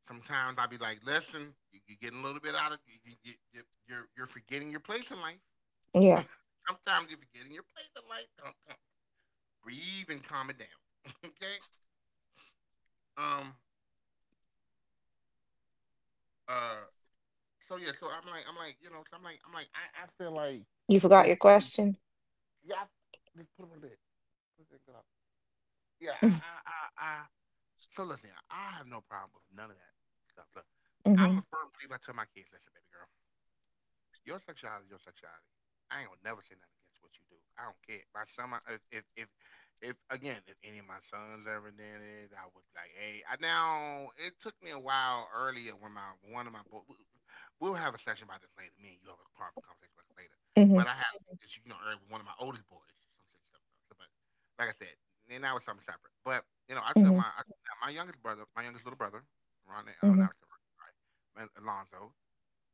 Speaker 2: sometimes I'd be like, listen, you, you're getting a little bit out of you, you, you, you- you're forgetting your place in life.
Speaker 1: Yeah.
Speaker 2: Sometimes you're forgetting your place in life. Come, come. Breathe and calm it down. Okay. Um. Uh. So yeah. So so I feel like
Speaker 1: You forgot
Speaker 2: it's,
Speaker 1: your
Speaker 2: it's
Speaker 1: question?
Speaker 2: yeah. Just put it on the bed. Put it in, good up. Yeah. I,
Speaker 1: Mhm.
Speaker 2: I, I, So listen, here, I have no problem with none of that stuff. Look, I'm
Speaker 1: Mhm.
Speaker 2: a firm believer. I tell my kids, listen, baby girl, your sexuality, is your sexuality. I ain't gonna never say nothing against what you do. I don't care. If, if if if again, if any of my sons ever did it, I would be like, hey. I now it took me a while earlier when my one of my boys. We'll have a session about this later. Me and you have a private conversation about this later.
Speaker 1: Mhm.
Speaker 2: But I had this, you know, earlier with one of my oldest boys, some shit stuff. So, but like I said, and that was something separate. But you know, tell my youngest brother, my youngest little brother, Ron, I'm
Speaker 1: Mhm.
Speaker 2: not sorry, Alonzo.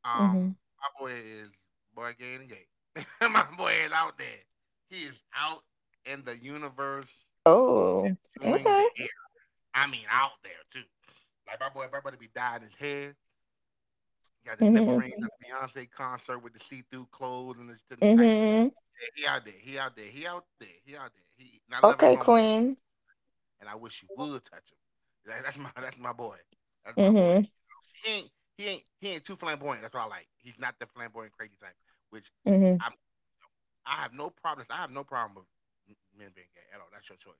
Speaker 2: Um,
Speaker 1: Mhm.
Speaker 2: my boy is boy gay and gay. My boy is out there. He is out in the universe
Speaker 1: Oh.
Speaker 2: enjoying the
Speaker 1: Okay.
Speaker 2: air. I mean, out there too. Like my boy, my brother be dying his head. He got the nipple
Speaker 1: Mhm.
Speaker 2: ring at the Beyonce concert with the see-through clothes and the type.
Speaker 1: Mhm.
Speaker 2: Yeah, he out there. He out there. He out there. He out there. He. And I love every
Speaker 1: Okay,
Speaker 2: moment of him.
Speaker 1: Queen.
Speaker 2: And I wish you would touch him. That's my. That's my boy. That's my boy.
Speaker 1: Mhm.
Speaker 2: He ain't. He ain't too flamboyant. That's what I like. He's not the flamboyant crazy type. Which
Speaker 1: Mhm.
Speaker 2: i I have no problem. I have no problem with men being gay at all. That's your choice.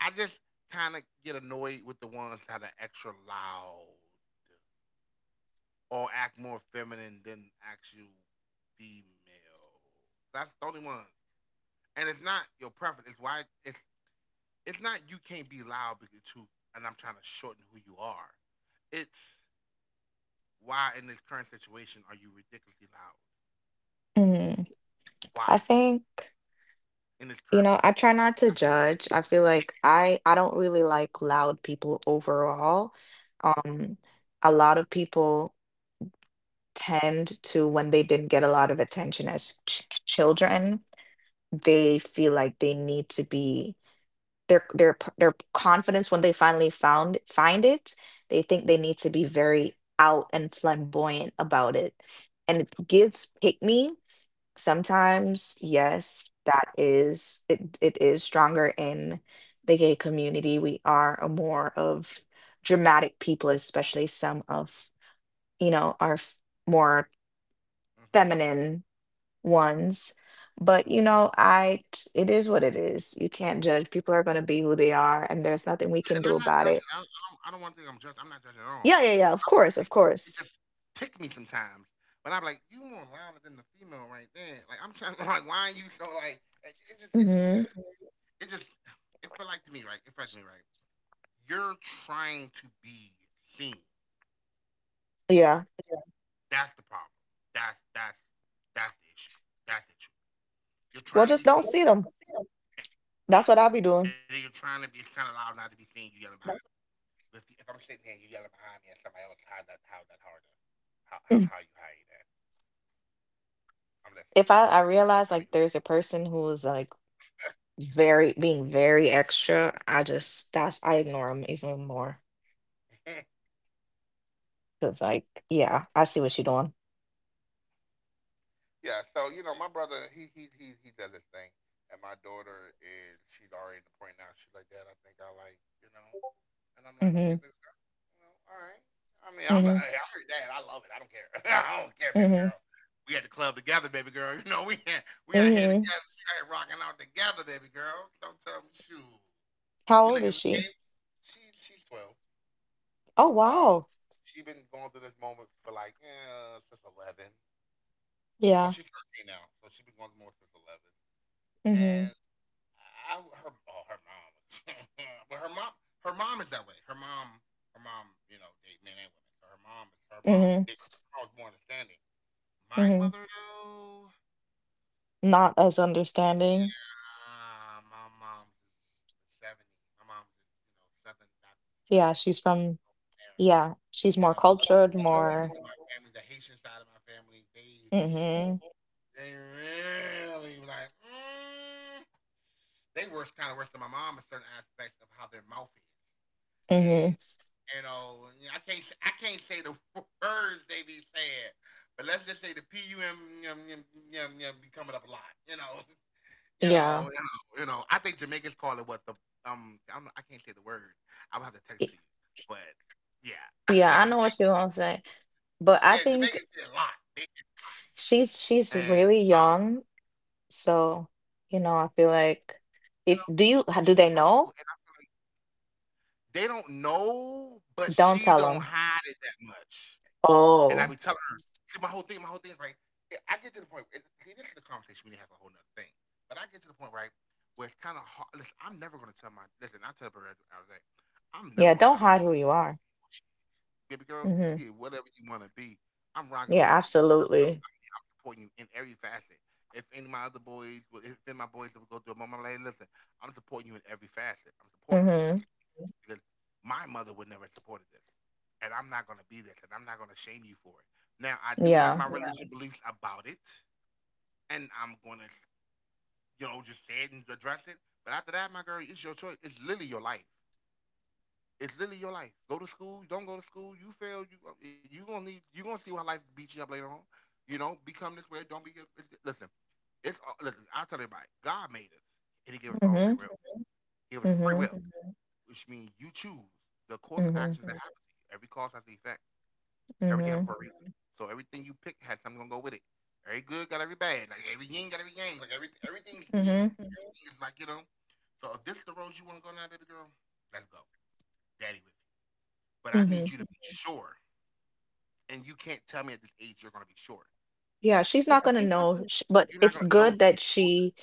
Speaker 2: I just kind of get annoyed with the ones that are extra loud or act more feminine than actual female. That's the only one. And it's not your preference. It's why it's not you can't be loud because too. And I'm trying to shorten who you are. It's why in this current situation are you ridiculously loud?
Speaker 1: Mhm. I
Speaker 2: Why
Speaker 1: think
Speaker 2: in this
Speaker 1: you
Speaker 2: current
Speaker 1: know,
Speaker 2: moment?
Speaker 1: I try not to judge. I feel like I don't really like loud people overall. Um a lot of people tend to when they didn't get a lot of attention as children they feel like they need to be their confidence when they finally found find it they think they need to be very out and flamboyant about it and it gives pick me sometimes yes that is it, it is stronger in the gay community we are a more of dramatic people especially some of you know more
Speaker 2: Mm-hmm.
Speaker 1: feminine ones. But you
Speaker 2: Mm-hmm.
Speaker 1: know, it is what it is. You can't judge. People are going to be who they are, and there's nothing we
Speaker 2: Yeah,
Speaker 1: can
Speaker 2: and
Speaker 1: do
Speaker 2: I'm not
Speaker 1: about
Speaker 2: judging.
Speaker 1: it.
Speaker 2: I don't want to think I'm judging. I'm not judging at all.
Speaker 1: Yeah, yeah, yeah. Of course, of
Speaker 2: It
Speaker 1: course.
Speaker 2: just ticked me sometimes. But I'm like, you more louder than the female right there. Like I'm trying to like, why you so like? It's just, it just,
Speaker 1: Hmm.
Speaker 2: it just, it felt like to me, right? It felt like to me, right? You're trying to be seen.
Speaker 1: Yeah.
Speaker 2: That's the problem. That's that's that's the issue. That's the issue. You're
Speaker 1: Well,
Speaker 2: trying to
Speaker 1: just
Speaker 2: be
Speaker 1: don't
Speaker 2: seen,
Speaker 1: see them.
Speaker 2: and then you're trying to
Speaker 1: That's
Speaker 2: be
Speaker 1: what
Speaker 2: it's
Speaker 1: I'll be
Speaker 2: kind of loud
Speaker 1: doing.
Speaker 2: not to be seen. You yelling behind. If I'm sitting here, you yelling behind me, and somebody else, how that? How's that hard? How you that. I'm listening. Go ahead. Let me
Speaker 1: If
Speaker 2: know
Speaker 1: I
Speaker 2: how you.
Speaker 1: realize like there's a person who's like very being very extra, I just that's I ignore them even more because like yeah, I see what she's doing.
Speaker 2: Yeah. So you know, my brother, he does his thing, and my daughter is she's already at the point now. She's like, Dad, I think I like you know, and I'm like,
Speaker 1: Hmm.
Speaker 2: okay, baby, girl, you know, all right. I mean,
Speaker 1: Hmm.
Speaker 2: I'm your dad. I love it. I don't care. I don't care, baby
Speaker 1: Hmm.
Speaker 2: girl. We at the club together, baby girl. You know, we ain't, we out here together.
Speaker 1: Hmm.
Speaker 2: We out here rocking out together, baby girl. Don't tell me, shoot.
Speaker 1: How
Speaker 2: We
Speaker 1: old is
Speaker 2: looking the
Speaker 1: she?
Speaker 2: same. She's 12.
Speaker 1: Oh
Speaker 2: Um,
Speaker 1: wow.
Speaker 2: she been going through this moment for like since 11.
Speaker 1: Yeah.
Speaker 2: Well, she's 13 now, so she's been going through more since 11.
Speaker 1: Hmm.
Speaker 2: And her, oh, her mom, but her mom is that way. Her mom, you know, date men and women. So
Speaker 1: Hmm.
Speaker 2: her mom was more understanding. My
Speaker 1: Hmm.
Speaker 2: mother, though,
Speaker 1: Not as understanding.
Speaker 2: yeah, my mom's is the 70s. My mom's is you know Southern Baptist Church
Speaker 1: Yeah,
Speaker 2: over there.
Speaker 1: yeah, she's
Speaker 2: You
Speaker 1: more
Speaker 2: know, it's
Speaker 1: cultured,
Speaker 2: other like, okay, members of
Speaker 1: more.
Speaker 2: well, my family, the Haitian side of my family, they
Speaker 1: Hmm.
Speaker 2: Really like, mm, they were kind of worse than my mom in certain aspects of how their mouth is,
Speaker 1: Hmm.
Speaker 2: and you know, I can't say the words they be saying, but let's just say the pum yum yum yum yum be coming up a lot. You know, you
Speaker 1: Yeah.
Speaker 2: know, you know, you know. I think Jamaicans call it what the I can't say the word. I will have to text
Speaker 1: I-
Speaker 2: to you, but yeah,
Speaker 1: Yeah, I know what she
Speaker 2: Jamaica,
Speaker 1: wants to say,
Speaker 2: yeah,
Speaker 1: but I
Speaker 2: Jamaicans say a
Speaker 1: think
Speaker 2: lot,
Speaker 1: she's
Speaker 2: and
Speaker 1: really young, so you know, I feel like
Speaker 2: you know,
Speaker 1: if do
Speaker 2: and she's
Speaker 1: do they
Speaker 2: depressive, and
Speaker 1: know?
Speaker 2: I feel like they don't know, but she
Speaker 1: Don't tell
Speaker 2: don't
Speaker 1: them.
Speaker 2: hide it that much. And I be
Speaker 1: Oh,
Speaker 2: telling her, 'cause my whole thing is right. Yeah, I get to the point. And this is the conversation we need to have a whole nother thing. But I get to the point, right, where it's kind of hard. Listen, I'm never gonna tell my. Listen, I tell her every day, I'm never
Speaker 1: yeah,
Speaker 2: gonna
Speaker 1: don't
Speaker 2: tell my
Speaker 1: hide who
Speaker 2: daughter
Speaker 1: you are.
Speaker 2: baby girl, you
Speaker 1: Hmm.
Speaker 2: be whatever you want to be. I'm rocking
Speaker 1: Yeah,
Speaker 2: with you.
Speaker 1: absolutely.
Speaker 2: I'm supporting you in every facet. If any of my other if any of my boys would go through a moment, I'm like, hey, listen, I'm supporting you in every facet. I'm supporting you. That's
Speaker 1: Hmm.
Speaker 2: because my mother would never have supported this. And I'm not going to be this. And I'm not going to shame you for it. Now, I do have
Speaker 1: Yeah.
Speaker 2: my Right. religious beliefs about it. And I'm going to, you know, just say it and address it. But after that, my girl, it's your choice. It's literally your life. It's literally your life. Go to school. Don't go to school. You fail. You gonna need. You gonna see why life beats you up later on. You know, become this way. Don't be. Listen, it's listen. I tell everybody, God made us, and He gave us all free
Speaker 1: Hmm.
Speaker 2: will. He gave us free
Speaker 1: Hmm.
Speaker 2: will, Mhm, which means you choose the course of
Speaker 1: Hmm. Hmm.
Speaker 2: actions that mhm, happen to you. Every cause has an effect. Everything happens
Speaker 1: Hmm.
Speaker 2: for a reason. Mhm, so everything you pick has something gonna go with it. Every good got every bad. Like every yin got every yang. Like every everything's even.
Speaker 1: Hmm.
Speaker 2: Mhm. Everything is like you know. So if this is the road you want to go now, baby girl, let's go. Daddy with you but I
Speaker 1: Hmm.
Speaker 2: need you to be sure. And you can't tell me at this age you're going to be sure.
Speaker 1: Yeah, she's
Speaker 2: Yeah,
Speaker 1: not going to
Speaker 2: she's not
Speaker 1: know,
Speaker 2: gonna.
Speaker 1: sh- but
Speaker 2: You're not
Speaker 1: it's
Speaker 2: going to know
Speaker 1: good
Speaker 2: till
Speaker 1: that
Speaker 2: you're older.
Speaker 1: she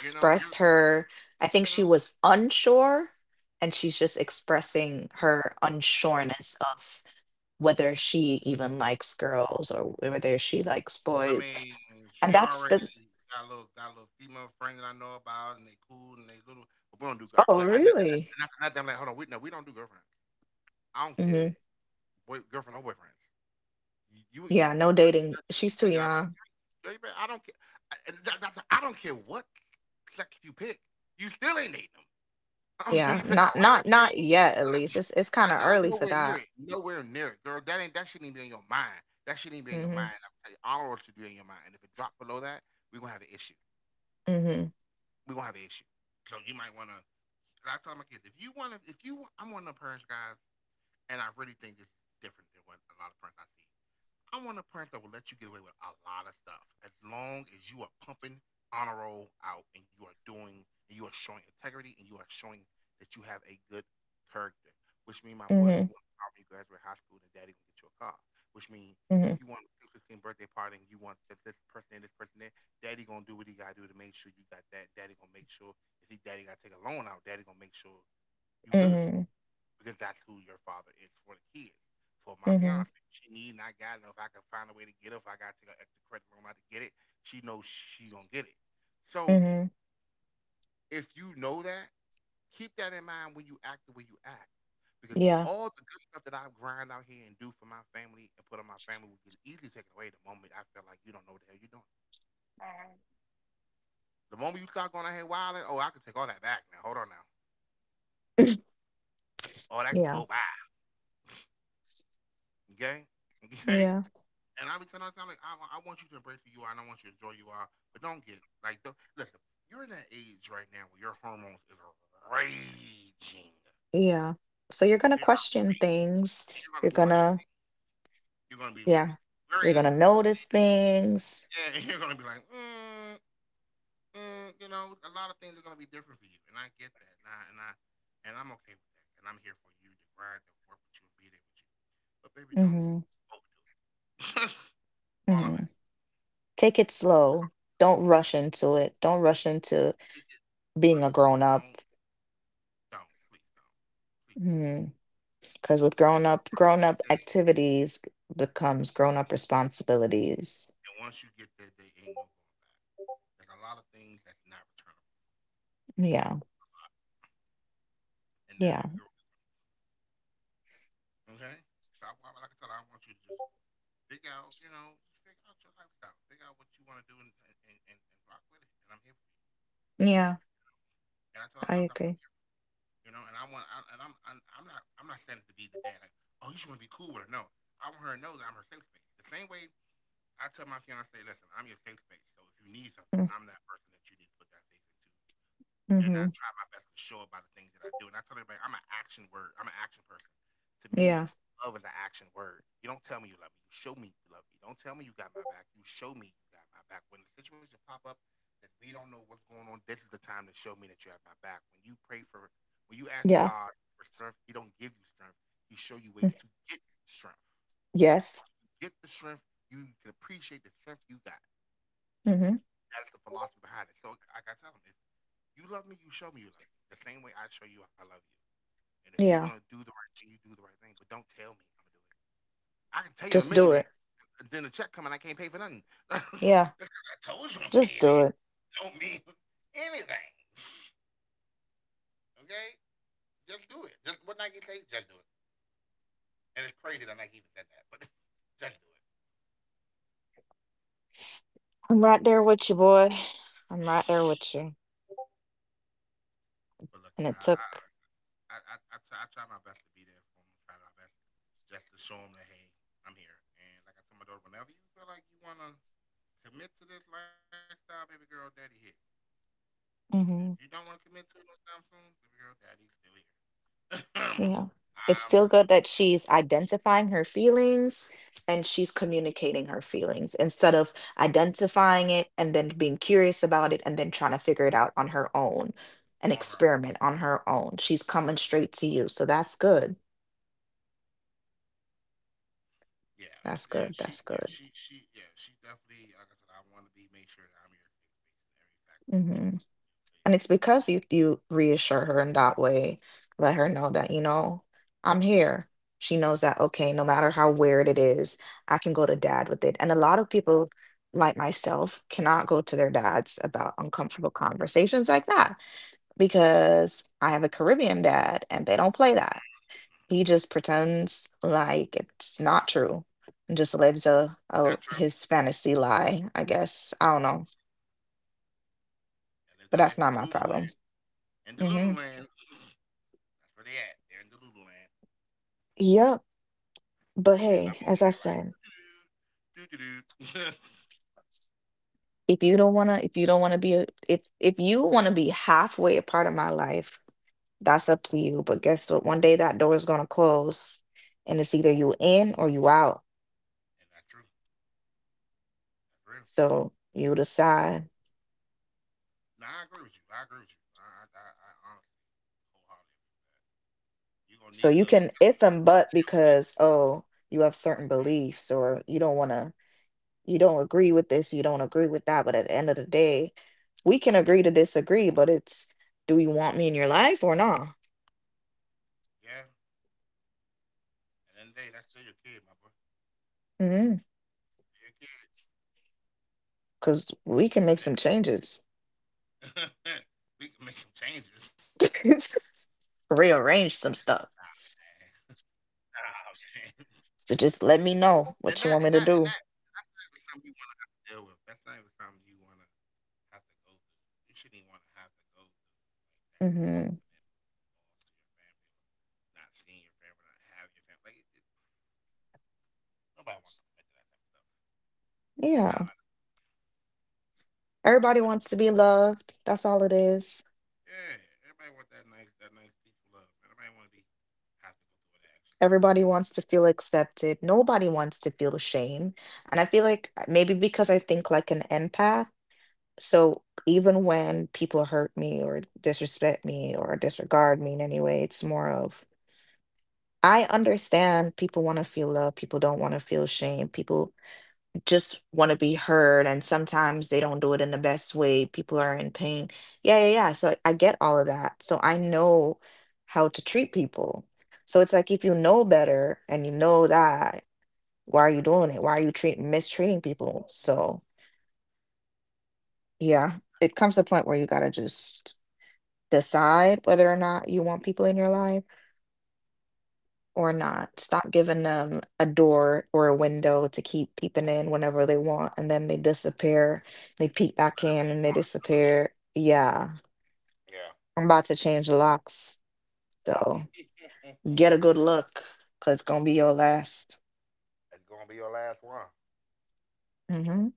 Speaker 2: You know, you're,
Speaker 1: her. I think
Speaker 2: you
Speaker 1: she
Speaker 2: know,
Speaker 1: was unsure, and she's just expressing her unsureness of whether she even likes girls or whether she likes
Speaker 2: I
Speaker 1: boys.
Speaker 2: mean,
Speaker 1: And
Speaker 2: she
Speaker 1: that's
Speaker 2: already
Speaker 1: the,
Speaker 2: got a little female friend that I know about, and they cool and they little. But we don't do,
Speaker 1: oh,
Speaker 2: look,
Speaker 1: really?
Speaker 2: I'm like, hold on, no, we don't do girlfriends. I don't care,
Speaker 1: Hmm.
Speaker 2: boy, girlfriend or boyfriend. You, you, you,
Speaker 1: Yeah,
Speaker 2: you,
Speaker 1: no
Speaker 2: girl, you,
Speaker 1: dating.
Speaker 2: 13, you
Speaker 1: She's too
Speaker 2: better get out of
Speaker 1: young.
Speaker 2: my, I don't care. I, and that, that's- I don't care what sex you pick. You still ain't need them. I don't care if
Speaker 1: Yeah,
Speaker 2: you pick a ring or
Speaker 1: not
Speaker 2: chain.
Speaker 1: yet, at least. It's kind
Speaker 2: I
Speaker 1: of
Speaker 2: know
Speaker 1: early for
Speaker 2: nowhere near
Speaker 1: that.
Speaker 2: it. Nowhere near it, girl. That shouldn't even be in your mind. That shouldn't even be in your
Speaker 1: Hmm.
Speaker 2: mind. I'm telling you, all work should be in your mind. And if it drop below that, we gonna have an issue.
Speaker 1: Hmm.
Speaker 2: We gonna have an issue. So you might wanna. And I tell my kids if you wanna, if you, I'm one of the parents, guys, and I really think this is different than what a lot of parents I see. I want a parent that will let you get away with a lot of stuff as long as you are pumping honor roll out and you are doing and you are showing integrity and you are showing that you have a good character. Which means, my boy, if
Speaker 1: Hmm.
Speaker 2: you want a car when you graduate high school, then daddy gonna get you a car. Which means,
Speaker 1: Hmm.
Speaker 2: if you want a 15th birthday party and you want this person and this person there, daddy gonna do what he gotta do to make sure you got that. Daddy gonna make sure if he daddy gotta take a loan out, daddy gonna make sure you
Speaker 1: Hmm.
Speaker 2: good,
Speaker 1: Hmm.
Speaker 2: because that's who your father is for the kids. For my
Speaker 1: Hmm.
Speaker 2: fiance, she need and I got it. If I can find a way to get it, if I got to take an extra credit loan out to get it, she knows she gonna get it. So
Speaker 1: Hmm.
Speaker 2: if you know that, keep that in mind when you act the way you act, because
Speaker 1: Yeah,
Speaker 2: all the good stuff that I grind out here and do for my family and put on my family will get easily taken away the moment I feel like you don't know what the hell you're doing. The moment you start going out here wilding, oh, I can take all that back now. Hold on now, all that can
Speaker 1: yeah.
Speaker 2: go by. Okay, okay.
Speaker 1: Yeah,
Speaker 2: And I be telling her, I'm like, I want you to embrace who you are and I want you to enjoy who you are, but don't get like, don't, listen, you're in that age right now where your hormones is raging.
Speaker 1: yeah. So you're gonna
Speaker 2: They are
Speaker 1: question
Speaker 2: raging.
Speaker 1: things.
Speaker 2: You're
Speaker 1: You're
Speaker 2: gonna question
Speaker 1: gonna,
Speaker 2: things. You're gonna be like,
Speaker 1: yeah,
Speaker 2: where,
Speaker 1: you're gonna notice things.
Speaker 2: yeah, you're gonna be like, you know, a lot of things are gonna be different for you, and I get that, and I'm okay with that, and I'm here for you to grind and work with you and be there with you, but baby, don't
Speaker 1: Hmm.
Speaker 2: overdo it. All I'm asking,
Speaker 1: Hmm. Take it slow. Don't rush into it. Don't rush
Speaker 2: take
Speaker 1: into
Speaker 2: it really
Speaker 1: being a
Speaker 2: slow.
Speaker 1: grown
Speaker 2: Don't
Speaker 1: up.
Speaker 2: Don't. Please don't. Please don't.
Speaker 1: Because
Speaker 2: Please don't.
Speaker 1: with
Speaker 2: Because baby girl, one
Speaker 1: grown up
Speaker 2: day,
Speaker 1: activities becomes grown up responsibilities.
Speaker 2: and once you get there, there ain't no going back. There's a lot of things that's not returnable.
Speaker 1: Yeah,
Speaker 2: And that
Speaker 1: yeah,
Speaker 2: baby girl, okay? So like I said, I want you to just figure out, you know, just figure out your lifestyle. Figure out what you want to do and, rock with it. And I'm here for you.
Speaker 1: yeah.
Speaker 2: And I tell her
Speaker 1: I
Speaker 2: sometimes I'm
Speaker 1: agree.
Speaker 2: here, you know, and I want, I, and I'm not standing to be the dad. Like, oh, you should want to be cool with her. No, I want her to know that I'm her safe space. The same way I tell my fiance, listen, I'm your safe space. So if you need something, I'm that person that you need to put that faith into. And
Speaker 1: Mm-hmm.
Speaker 2: I try my best to show about the things that I do. And I tell everybody, I'm an action word. I'm an action person. To me,
Speaker 1: Yeah,
Speaker 2: love is an action word. You don't tell me you love me. You show me you love me. Don't tell me you got my back. You show me you got my back. When the situation pop up that we don't know what's going on, this is the time to show me that you have my back. When you ask
Speaker 1: yeah.
Speaker 2: God for strength, He don't give you strength. He show you
Speaker 1: Mm.
Speaker 2: ways to get strength. So
Speaker 1: Yes.
Speaker 2: you get the strength, you can appreciate the strength you got.
Speaker 1: Hmm.
Speaker 2: That's the philosophy behind it. So like I tell them, if you love me, you show me you love me. The same way I show you I love you. And if you're
Speaker 1: Yeah.
Speaker 2: gonna do the right thing, you do the right thing. But don't tell me I'm gonna do it. I can tell you I'm
Speaker 1: Just
Speaker 2: a
Speaker 1: do it.
Speaker 2: millionaire, and then the check coming, I can't pay for nothing.
Speaker 1: Yeah.
Speaker 2: Because I told you I'm a
Speaker 1: Just do
Speaker 2: millionaire.
Speaker 1: it.
Speaker 2: Don't mean anything. Okay, just do it. Just what Nike say, just do it. And it's crazy that Nike even said that, but just do it.
Speaker 1: I'm right there with you, boy. I'm right there with you.
Speaker 2: But look,
Speaker 1: And
Speaker 2: yeah,
Speaker 1: it took,
Speaker 2: I try my best to be there for them. I try my best just to show them that hey, I'm here. And like I tell my daughter, whenever you feel like you want to commit to this lifestyle, baby girl, daddy here. If you don't
Speaker 1: hmm,
Speaker 2: want to commit to it no time soon, baby girl, daddy's still here.
Speaker 1: yeah. It's
Speaker 2: I'm
Speaker 1: still
Speaker 2: still
Speaker 1: good
Speaker 2: here
Speaker 1: that she's identifying her feelings and she's communicating her feelings instead of identifying it and then being curious about it and then trying to figure it out on her own and
Speaker 2: for her.
Speaker 1: experiment on her own. She's coming straight to you. So that's good.
Speaker 2: Yeah, it's
Speaker 1: That's
Speaker 2: yeah,
Speaker 1: good. That's good.
Speaker 2: she yeah, she definitely, like I said, I wanna be, make sure that I'm your safe space in every factor that you
Speaker 1: Mm-hmm.
Speaker 2: so, yeah,
Speaker 1: And it's because you reassure her in that way, let her know that, you know, I'm here. She knows that, okay, no matter how weird it is, I can go to dad with it. And a lot of people, like myself, cannot go to their dads about uncomfortable conversations like that because I have a Caribbean dad and they don't play that. He just pretends like it's
Speaker 2: it's,
Speaker 1: not true and just lives
Speaker 2: not true.
Speaker 1: a his fantasy lie, I guess. I don't know,
Speaker 2: They live
Speaker 1: but
Speaker 2: that
Speaker 1: that's
Speaker 2: life in
Speaker 1: not my
Speaker 2: delusion
Speaker 1: problem.
Speaker 2: land. In
Speaker 1: Hmm.
Speaker 2: Delulu land. That's where they at. They're in Delulu land.
Speaker 1: Yep. But
Speaker 2: And
Speaker 1: hey,
Speaker 2: I'm over
Speaker 1: as I
Speaker 2: here like,
Speaker 1: said,
Speaker 2: doo doo doo.
Speaker 1: if you don't wanna, if you wanna be halfway a part of my life, that's up to you. But guess what? One day that door is gonna close, and it's either you in or you out.
Speaker 2: And that's true. That's real.
Speaker 1: So you decide.
Speaker 2: No, I agree with you. I agree with you. Nah, honestly wholeheartedly agree with that. You're going to
Speaker 1: So
Speaker 2: need,
Speaker 1: you
Speaker 2: look,
Speaker 1: can
Speaker 2: that's
Speaker 1: if and but
Speaker 2: still your kid.
Speaker 1: because oh you have certain
Speaker 2: That's still your-
Speaker 1: beliefs or you don't wanna, you don't agree with this, you don't agree with that. But at the end of the day, we can agree to disagree. But it's do you want me in your life or not?
Speaker 2: yeah. At the end of the day, that's still your kid, my boy.
Speaker 1: Because
Speaker 2: Still your kid. At the end
Speaker 1: we
Speaker 2: of the
Speaker 1: can
Speaker 2: day,
Speaker 1: make some changes.
Speaker 2: we can make some changes. Nah,
Speaker 1: Rearrange some stuff.
Speaker 2: man. Nah, man.
Speaker 1: So just let
Speaker 2: And
Speaker 1: me
Speaker 2: that and
Speaker 1: know
Speaker 2: that and
Speaker 1: what you
Speaker 2: that
Speaker 1: want me to
Speaker 2: that's
Speaker 1: do.
Speaker 2: not even something you want to have to deal with. That's not even something you want to have to go through. You shouldn't even want to have to go through like that type of
Speaker 1: Hmm.
Speaker 2: commitment loss to your family or not seeing your family, not having your family. Nobody wants to commit to that type of stuff. I know.
Speaker 1: Yeah.
Speaker 2: I
Speaker 1: Everybody
Speaker 2: know. I know.
Speaker 1: wants to be loved. That's all it is.
Speaker 2: Yeah, everybody wants that nice peaceful love. Man, nobody want to be have to go through all that extra stuff.
Speaker 1: Everybody
Speaker 2: Nobody,
Speaker 1: wants to feel accepted. Nobody wants to feel shame. And I feel like maybe because I think like an empath. So even when people hurt me or disrespect me or disregard me in any way, it's more of I understand people want to feel love. People don't want to feel shame. People just want to be heard and sometimes they don't do it in the best way people are in pain yeah yeah yeah so I get all of that so I know how to treat people so it's like if you know better and you know that why are you doing it why are you treat mistreating people so yeah it comes to a point where you got to just decide whether or not you want people in your life or not. Stop giving them a door or a window to keep peeping in whenever they want, and then they disappear. They peep back
Speaker 2: whatever
Speaker 1: in
Speaker 2: they
Speaker 1: and they
Speaker 2: want.
Speaker 1: disappear. Yeah,
Speaker 2: Yeah.
Speaker 1: I'm about to change the locks,
Speaker 2: That's
Speaker 1: so get a good look, cause it's gonna be your last.
Speaker 2: gonna be your last one.
Speaker 1: Hmm.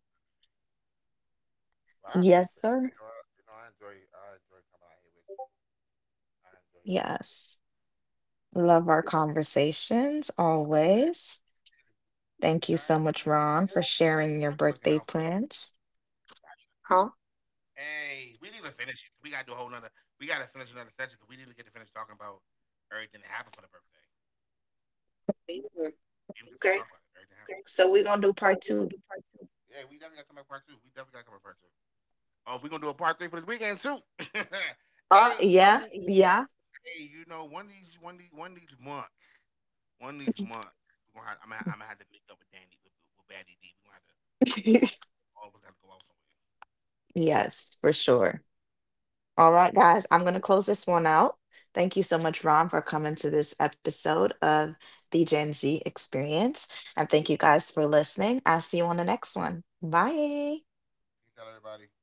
Speaker 2: Well, I
Speaker 1: Yes,
Speaker 2: appreciate it.
Speaker 1: sir.
Speaker 2: You know, I, you know, I enjoy coming out here with you. I enjoy being here with
Speaker 1: Yes.
Speaker 2: you.
Speaker 1: Love our conversations always.
Speaker 2: You guys. I
Speaker 1: Thank
Speaker 2: mean,
Speaker 1: you so much, Ron,
Speaker 2: y'all
Speaker 1: for
Speaker 2: be looking out.
Speaker 1: sharing your birthday plans. Huh?
Speaker 2: Hey, we didn't even finish it. We gotta do a whole nother. We gotta finish another session because we didn't get to finish talking about everything that happened for the birthday.
Speaker 1: Me neither.
Speaker 2: We didn't finish talking about
Speaker 1: Okay.
Speaker 2: it. Everything happened. Okay.
Speaker 1: So we're gonna do
Speaker 2: So
Speaker 1: part
Speaker 2: we're gonna
Speaker 1: two.
Speaker 2: do part two. Yeah, we definitely gotta come back part two. We definitely gotta come back part two. Oh, we are gonna do a part three for this weekend too. hey, you oh, know,
Speaker 1: Yeah,
Speaker 2: Oh, hey,
Speaker 1: yeah.
Speaker 2: you know, one of these months, one of these months, we're gonna have, I'm gonna have to meet up with Danny, with Baddie D. We're gonna have to go out. All of us gotta go out somewhere.
Speaker 1: Yes, for sure. All right, guys, I'm going to close this one out. Thank you so much, Ron, for coming to this episode of the Gen Z Experience. And thank you guys for listening. I'll see you on the next one. Bye.
Speaker 2: Peace out, everybody.